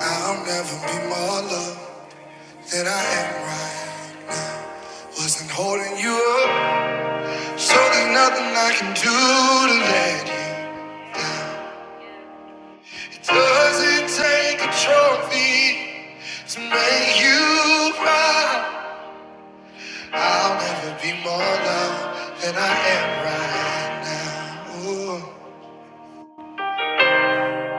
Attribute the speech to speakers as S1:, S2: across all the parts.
S1: I'll never be more loved than I am right. Wasn't holding you up, so there's nothing I can do to let you. It doesn't take a trophy to make you proud. I'll never be more loved than I am right now. Ooh.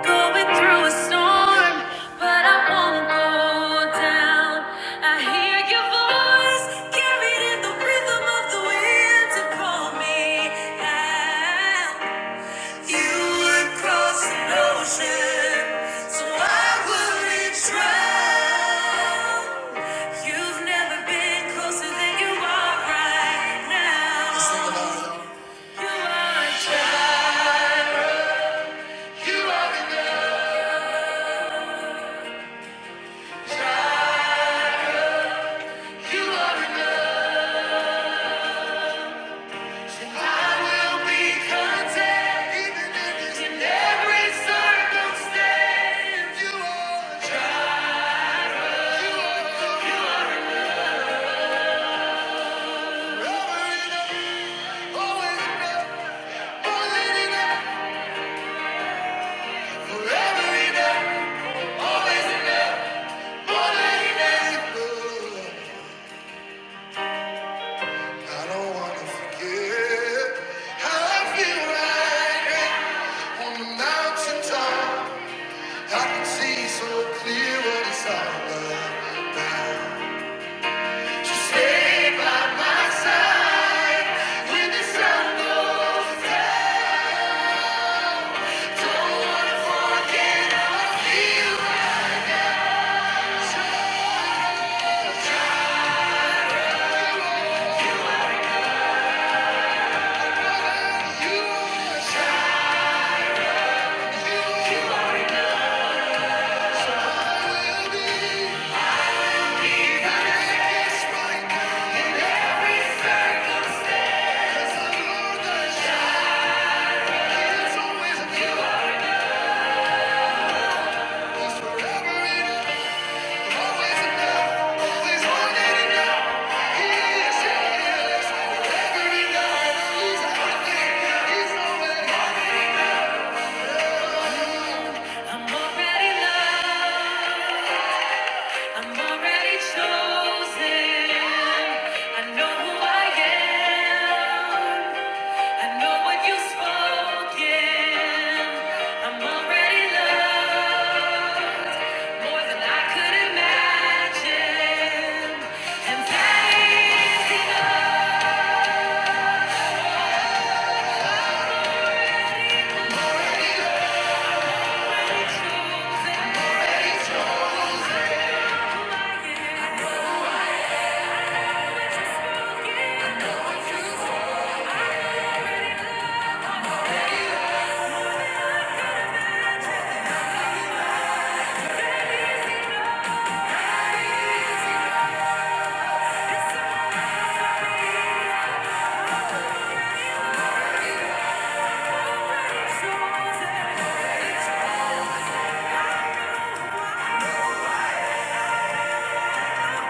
S1: Going through a storm, but I won't go down. I hear your voice carried in the rhythm of the wind to call me out. You would cross an ocean, so I wouldn't drown. You've never been closer than you are right now. Sing along, you are a child. You are enough. You are enough, I will be content, even in every circumstance. You are enough. You are enough. You are enough. Always enough. More than enough. Forever enough. Always enough. More than enough. I don't wanna forget how I feel right On the mountaintop, I can see so clear what it's all about. Forever in I'm already loved. I'm already chosen. I know who I am. I know what you've spoken. I'm already loved. More than I could imagine, and that is enough. I know I was just broken. I know I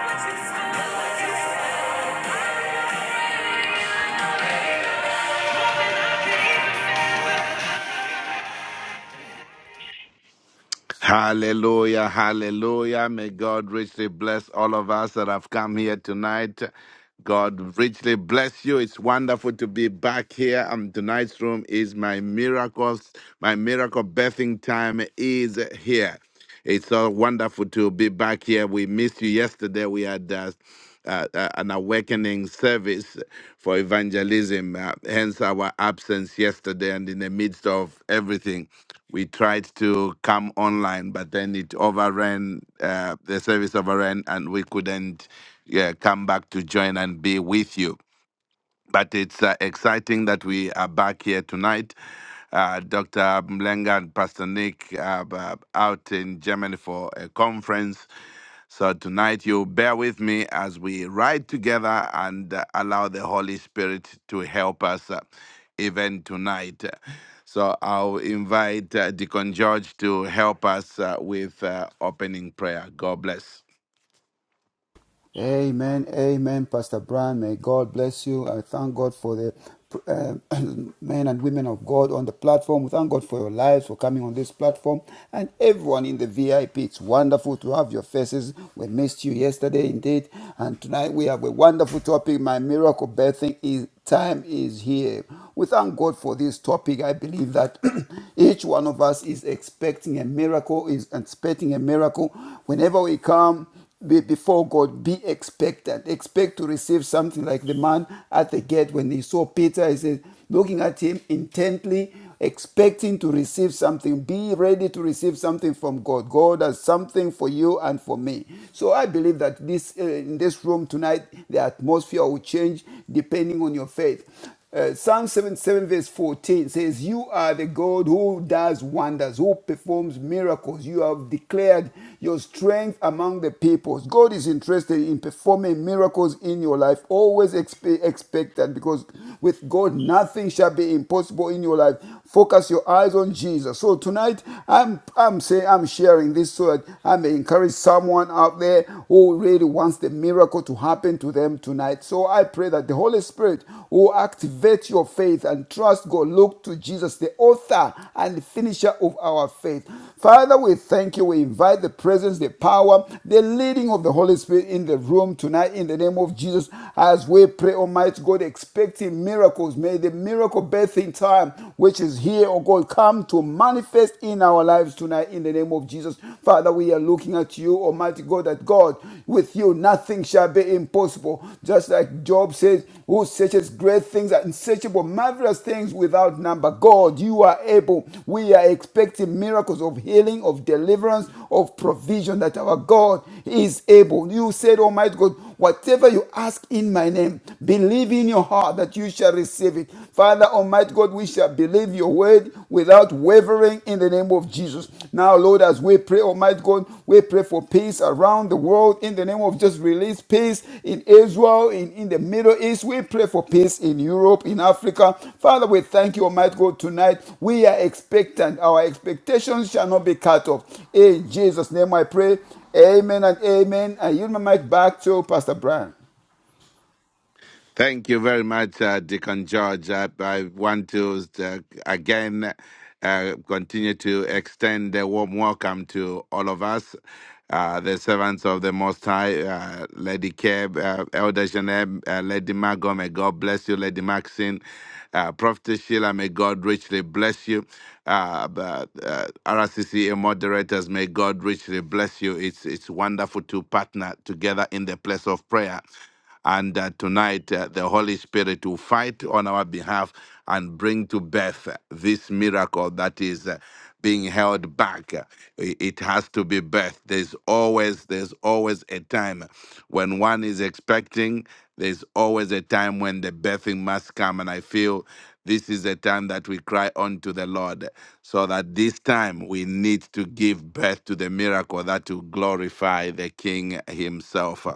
S2: Hallelujah, hallelujah. May God richly bless all of us that have come here tonight. God richly bless you. It's wonderful to be back here. And tonight's room is my miracles. My miracle birthing time is here. It's so wonderful to be back here. We missed you yesterday. We had uh, uh, uh, an awakening service for evangelism, uh, hence our absence yesterday. And in the midst of everything, we tried to come online, but then it overran, uh, the service overran, and we couldn't yeah, come back to join and be with you. But it's uh, exciting that we are back here tonight. Uh, Dr. Mlenga and Pastor Nick are uh, out in Germany for a conference. So tonight you bear with me as we ride together and uh, allow the Holy Spirit to help us uh, even tonight. So I'll invite uh, Deacon George to help us uh, with uh, opening prayer. God bless.
S3: Amen, amen, Pastor Brian. May God bless you. I thank God for the uh, men and women of God on the platform. We thank God for your lives, for coming on this platform, and everyone in the VIP. It's wonderful to have your faces. We missed you yesterday, indeed, and tonight we have a wonderful topic. My miracle birthing is time is here. We thank God for this topic. I believe that each one of us is expecting a miracle, is expecting a miracle whenever we come be before God, be expectant. Expect to receive something like the man at the gate when he saw Peter, he said, looking at him intently, expecting to receive something. Be ready to receive something from God. God has something for you and for me. So I believe that this uh, in this room tonight, the atmosphere will change depending on your faith. Uh, Psalm 77, verse 14 says, You are the God who does wonders, who performs miracles. You have declared your strength among the peoples. God is interested in performing miracles in your life. Always expe- expect that because with God, nothing shall be impossible in your life. Focus your eyes on Jesus. So tonight, I'm, I'm saying, I'm sharing this so that I may encourage someone out there who really wants wants the miracle to happen to them tonight. So I pray that the Holy Spirit will activate your faith and trust God. Look to Jesus, the author and finisher of our faith. Father, we thank you. We invite the presence, the power, the leading of the Holy Spirit in the room tonight in the name of Jesus as we pray, Almighty God, expecting miracles. May the miracle birth in time, which is here, oh God, come to manifest in our lives tonight in the name of Jesus. Father, we are looking at you, Almighty God, that God, with you nothing shall be impossible. Just like Job says, who searches great things, unsearchable, marvelous things without number. God, you are able. We are expecting miracles of healing, of deliverance, of provision that our God is able. You said, Almighty God, Whatever you ask in my name, believe in your heart that you shall receive it. Father, Almighty God, we shall believe your word without wavering in the name of Jesus. Now, Lord, as we pray, Almighty God, we pray for peace around the world in the name of just release peace in Israel, in, in the Middle East. We pray for peace in Europe, in Africa. Father, we thank you, Almighty God, tonight. We are expectant. Our expectations shall not be cut off. In Jesus' name I pray. Amen and amen. I yield my mic back to Pastor Brian.
S2: Thank you very much, uh, Deacon George. I, I want to uh, again uh, continue to extend a warm welcome to all of us, uh, the servants of the Most High, uh, Lady Keb, uh, Elder Janeb, uh, Lady Margot. May God bless you, Lady Maxine. Uh, Prophet Sheila, may God richly bless you. Uh, but, uh, RCCA moderators, may God richly bless you. It's it's wonderful to partner together in the place of prayer. And uh, tonight, uh, the Holy Spirit will fight on our behalf and bring to birth uh, this miracle that is uh, being held back. Uh, i- It has to be birthed. There's always, there's always a time when one is expecting. There's always a time when the birthing must come, and I feel this is a time that we cry unto the Lord, so that this time we need to give birth to the miracle that will glorify the King Himself.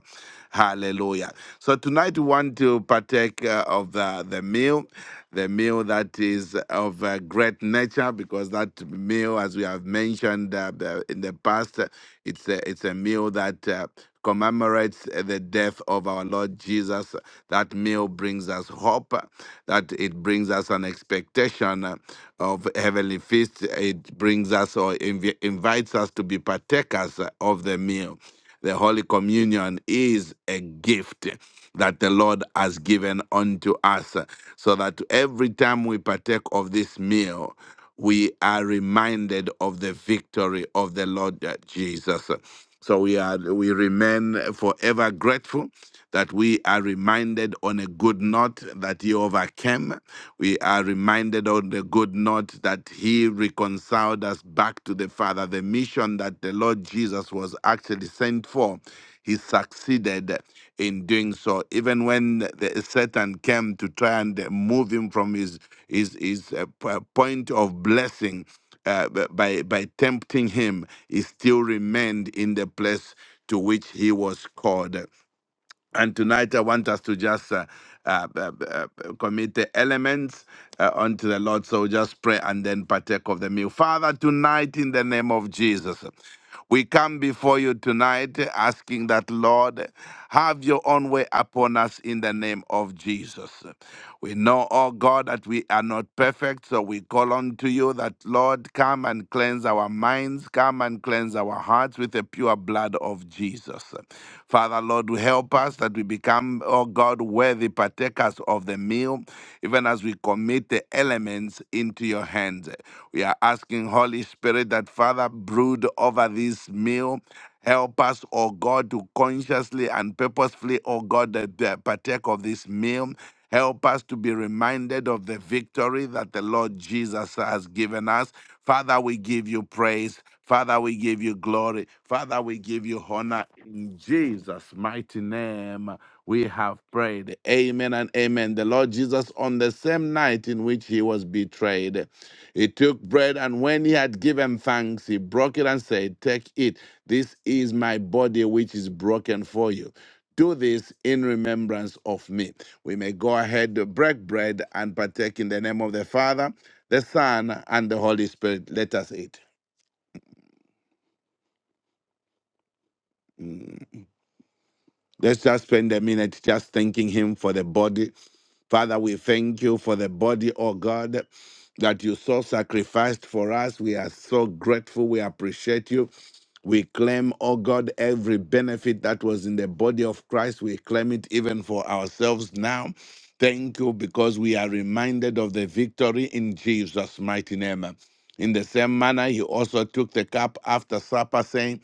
S2: Hallelujah. So tonight we want to partake uh, of the, the meal, the meal that is of uh, great nature, because that meal, as we have mentioned uh, the- in the past, uh, it's a, it's a meal that uh, commemorates uh, the death of our Lord Jesus. That meal brings us hope, uh, that it brings us an expectation uh, of heavenly feast. It brings us or invi- invites us to be partakers uh, of the meal. The Holy Communion is a gift that the Lord has given unto us, so that every time we partake of this meal, we are reminded of the victory of the Lord Jesus. So we are we remain forever grateful that we are reminded on a good note that he overcame. We are reminded on the the good note that he reconciled us back to the Father. The mission that the Lord Jesus was actually sent for, he succeeded in doing so. Even when the Satan came to try and move him from his his his uh, p- point of blessing uh, b- by by tempting him, he still remained in the place to which he was called. And tonight, I want us to just uh, uh, uh, uh, commit the elements uh, unto the Lord. So just pray and then partake of the meal. Father, tonight, in the name of Jesus, we come before you tonight asking that, Lord, have your own way upon us in the name of Jesus. We know, oh God, that we are not perfect, so we call on to you that, Lord, come and cleanse cleanse our minds. Come and cleanse our hearts with the pure blood of Jesus. Father, Lord, help us that we become, oh God, worthy partakers of the meal, even as we commit the elements into your hands. We are asking, Holy Spirit, that Father, brood over this meal. Help us, oh God, to consciously and purposefully, oh God, that, that partake of this meal. Help us to be reminded of the victory that the Lord Jesus has given us. Father, we give you praise. Father, we give you glory. Father, we give you honor. In Jesus' mighty name, we have prayed. Amen and amen. The Lord Jesus, on the same night in which he was betrayed, he took bread and when he had given thanks, he broke it and said, Take it. This is my body which is broken for you. Do this in remembrance of me. We may go ahead to break bread and partake in the name of the Father, the Son, and the Holy Spirit. Let us eat. Mm. Let's just spend a minute just thanking Him for the body. Father, we thank you for the body, oh God, that you so sacrificed for us. We are so grateful. We appreciate you. We claim, oh God, every benefit that was in the body of Christ. We claim it even for ourselves now. Thank you because we are reminded of the victory in Jesus' mighty name. In the same manner, he also took the cup after supper, saying,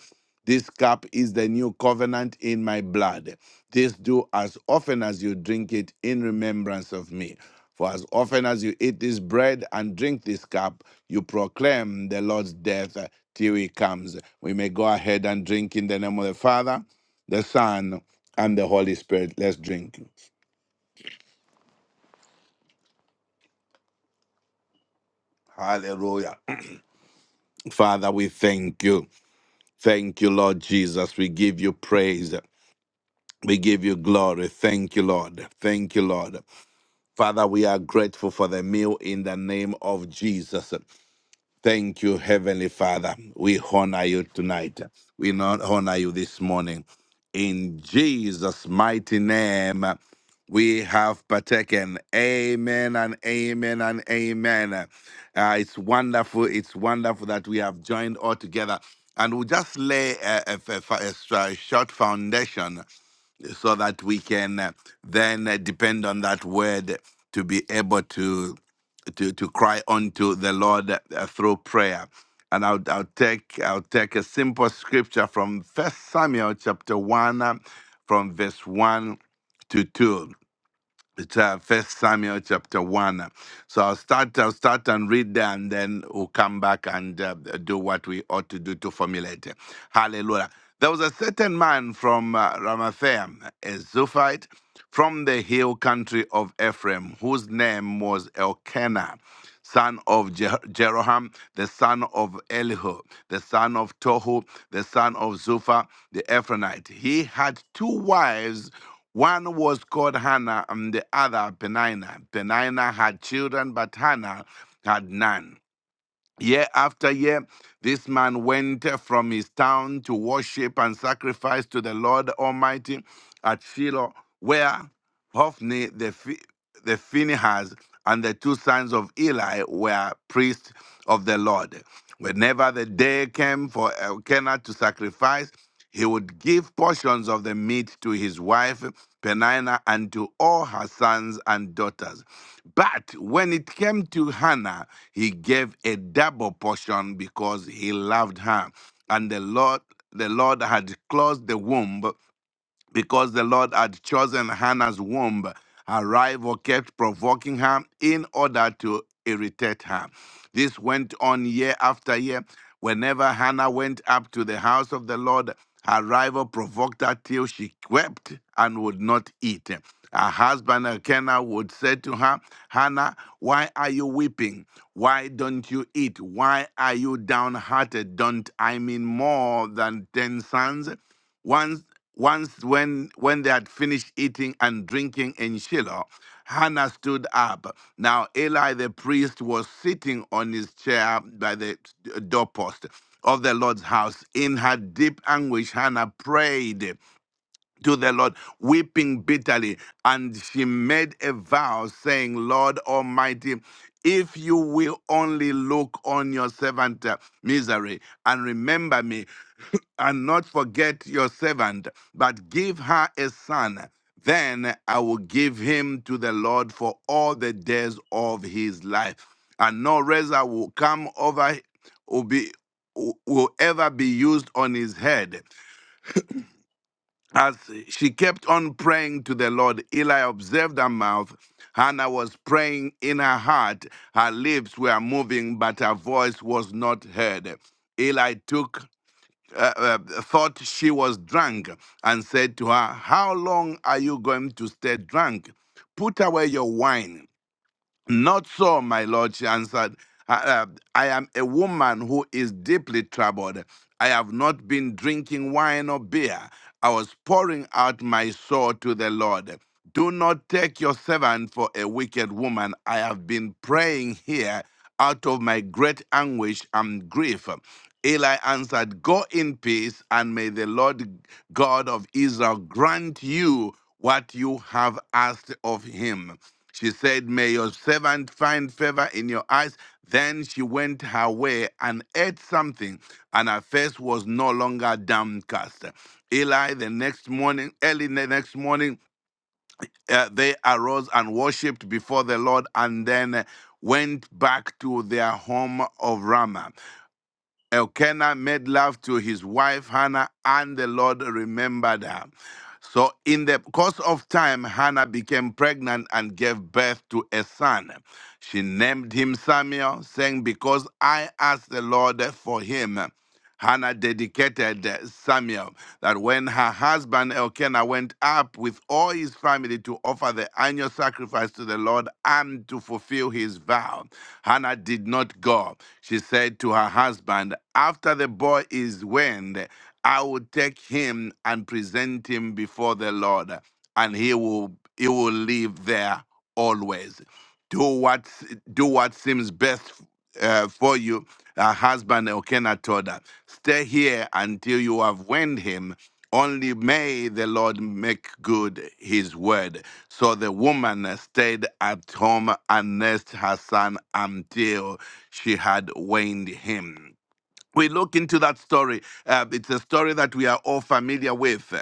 S2: This cup is the new covenant in my blood. This do as often as you drink it in remembrance of me. For as often as you eat this bread and drink this cup, you proclaim the Lord's death uh, till he comes. We may go ahead and drink in the name of the Father, the Son, and the Holy Spirit. Let's drink. Hallelujah. Father, we thank you. Thank you, Lord Jesus. We give you praise. We give you glory. Thank you, Lord. Thank you, Lord. Father, we are grateful for the meal in the name of Jesus. Thank you, Heavenly Father. We honor you tonight. We not honor you this morning. In Jesus' mighty name, we have partaken. Amen and amen and amen. Uh, it's wonderful. It's wonderful that we have joined all together. And we'll just lay a, a, a, a stra- short foundation so that we can uh, then uh, depend on that word to be able to to to cry unto the Lord uh, through prayer. And I'll, I'll take I'll take a simple scripture from First Samuel chapter one, uh, from verse one to two. It's uh, First Samuel chapter one. So I'll start. I'll start and read there, and then we'll come back and uh, do what we ought to do to formulate. Hallelujah. There was a certain man from uh, Ramathaim, a Zophite, from the hill country of Ephraim, whose name was Elkanah, son of Je- Jeroham, the son of Elihu, the son of Tohu, the son of Zuphah, the Ephronite. He had two wives one was called Hannah and the other Penina. Penina had children, but Hannah had none. Year after year, this man went from his town to worship and sacrifice to the Lord Almighty at Shiloh, where Hophni the, Phi- the Phinehas and the two sons of Eli were priests of the Lord. Whenever the day came for Elkanah to sacrifice, he would give portions of the meat to his wife Penina and to all her sons and daughters. But when it came to Hannah, he gave a double portion because he loved her. And the Lord the Lord had closed the womb because the Lord had chosen Hannah's womb, her rival kept provoking her in order to irritate her. This went on year after year. Whenever Hannah went up to the house of the Lord, her rival provoked her till she wept and would not eat. Her husband Elkanah would say to her, Hannah, why are you weeping? Why don't you eat? Why are you downhearted? Don't I mean more than ten sons? Once. Once, when, when they had finished eating and drinking in Shiloh, Hannah stood up. Now, Eli the priest was sitting on his chair by the doorpost of the Lord's house. In her deep anguish, Hannah prayed to the Lord, weeping bitterly. And she made a vow, saying, Lord Almighty, if you will only look on your servant uh, misery and remember me and not forget your servant, but give her a son. Then I will give him to the Lord for all the days of his life. And no razor will come over, will be, will ever be used on his head. As she kept on praying to the Lord, Eli observed her mouth. Hannah was praying in her heart. Her lips were moving, but her voice was not heard. Eli took uh, uh, thought she was drunk and said to her, How long are you going to stay drunk? Put away your wine. Not so, my lord, she answered. I, uh, I am a woman who is deeply troubled. I have not been drinking wine or beer. I was pouring out my soul to the Lord. Do not take your servant for a wicked woman. I have been praying here out of my great anguish and grief. Eli answered, Go in peace, and may the Lord God of Israel grant you what you have asked of him. She said, May your servant find favor in your eyes. Then she went her way and ate something, and her face was no longer downcast. Eli, the next morning, early the next morning, uh, they arose and worshipped before the Lord, and then uh, went back to their home of Ramah. Elkanah made love to his wife Hannah, and the Lord remembered her. So, in the course of time, Hannah became pregnant and gave birth to a son. She named him Samuel, saying, Because I asked the Lord for him. Hannah dedicated Samuel that when her husband Elkanah went up with all his family to offer the annual sacrifice to the Lord and to fulfill his vow, Hannah did not go. She said to her husband, After the boy is weaned, I will take him and present him before the Lord, and he will he will live there always. Do what do what seems best uh, for you, uh, husband Elkanah told her. Stay here until you have weaned him. Only may the Lord make good his word. So the woman stayed at home and nursed her son until she had weaned him we look into that story. Uh, it's a story that we are all familiar with.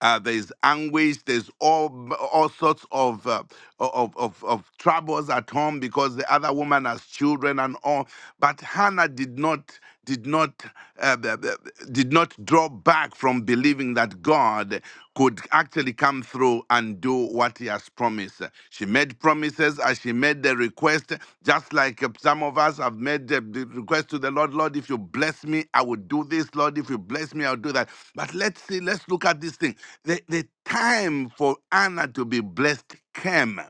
S2: Uh, there's anguish. There's all all sorts of, uh, of of of troubles at home because the other woman has children and all. But Hannah did not did not uh, b- b- did not draw back from believing that God. God could actually come through and do what he has promised. She made promises as she made the request, just like uh, some of us have made the the request to the Lord, Lord, if you bless me, I will do this. Lord, if you bless me, I'll do that. But let's see, let's look at this thing. The, the time for Anna to be blessed came.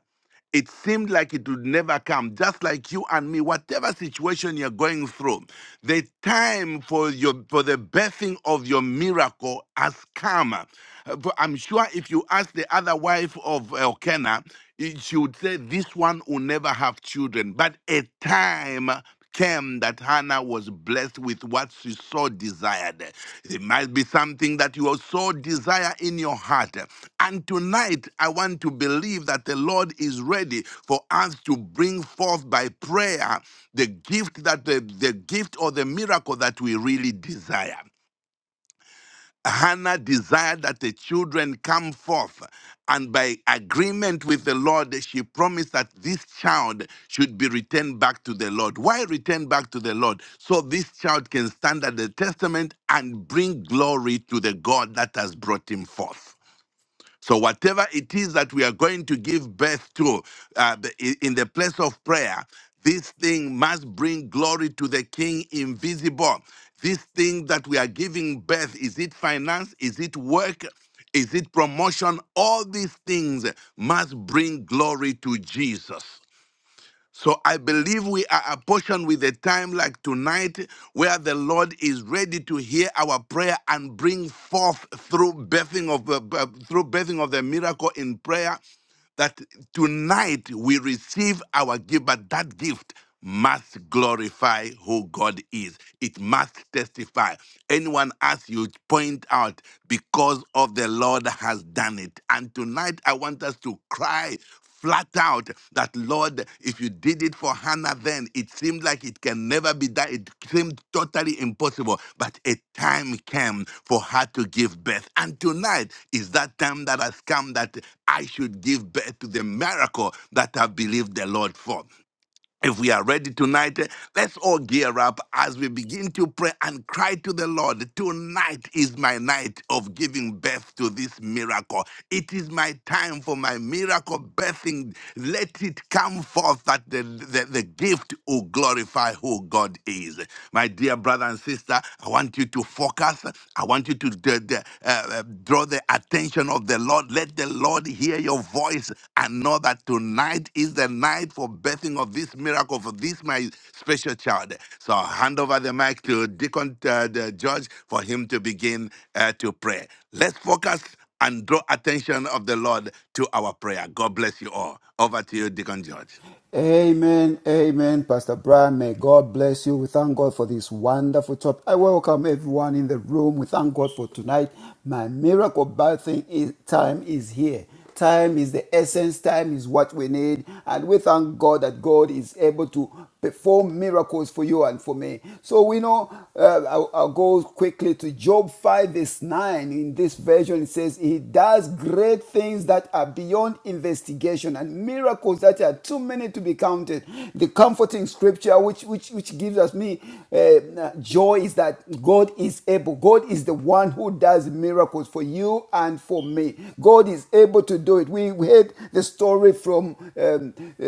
S2: It seemed like it would never come, just like you and me, whatever situation you're going through, the time for your for the birthing of your miracle has come. Uh, but I'm sure if you ask the other wife of Elkanah, it- she would say, This one will never have children. But a time came that Hannah was blessed with what she so desired. It might be something that you so desire in your heart. And tonight, I want to believe that the Lord is ready for us to bring forth by prayer the gift that the, the gift or the miracle that we really desire. Hannah desired that the children come forth, and by agreement with the Lord, she promised that this child should be returned back to the Lord. Why return back to the Lord? So this child can stand at the testament and bring glory to the God that has brought him forth. So, whatever it is that we are going to give birth to uh, the- i- in the place of prayer, this thing must bring glory to the King invisible. This thing that we are giving birth is it finance? Is it work? Is it promotion? All these things must bring glory to Jesus. So I believe we are apportioned with a time like tonight where the Lord is ready to hear our prayer and bring forth through birthing of the uh, through birthing of the miracle in prayer that tonight we receive our gift, but that gift must glorify who God is. It must testify. Anyone else you point out because of the Lord has done it. And tonight I want us to cry flat out that, Lord, if you did it for Hannah then, it seemed like it can never be done. It seemed totally impossible. But a time came for her to give birth. And tonight is that time that has come that I should give birth to the miracle that I believed the Lord for. If we are ready tonight, eh, let's all gear up as we begin to pray and cry to the Lord. Tonight is my night of giving birth to this miracle. It is my time for my miracle birthing. Let it come forth that the, the, the gift will glorify who God is. My dear brother and sister, I want you to focus. I want you to the- uh, uh, draw the attention of the Lord. Let the Lord hear your voice and know that tonight is the night for birthing of this miracle for this my special child. So I'll hand over the mic to Deacon uh, the George for him to begin uh, to pray. Let's focus and draw attention of the Lord to our prayer. God bless you all. Over to you, Deacon George.
S3: Amen, amen, Pastor Brian. May God bless you. We thank God for this wonderful talk. I welcome everyone in the room. We thank God for tonight. My miracle birthing is, time is here. Time is the essence, time is what we need. And we thank God that God is able to perform miracles for you and for me. So we know, uh, I'll, I'll go quickly to Job 5, verse 9. In this version, it says, He does great things that are beyond investigation and miracles that are too many worthy to be counted. The comforting scripture which which which gives us me uh, joy is that God is able. God is the one who does miracles for you and for me. God is able to do it. We, we heard the story from um, uh,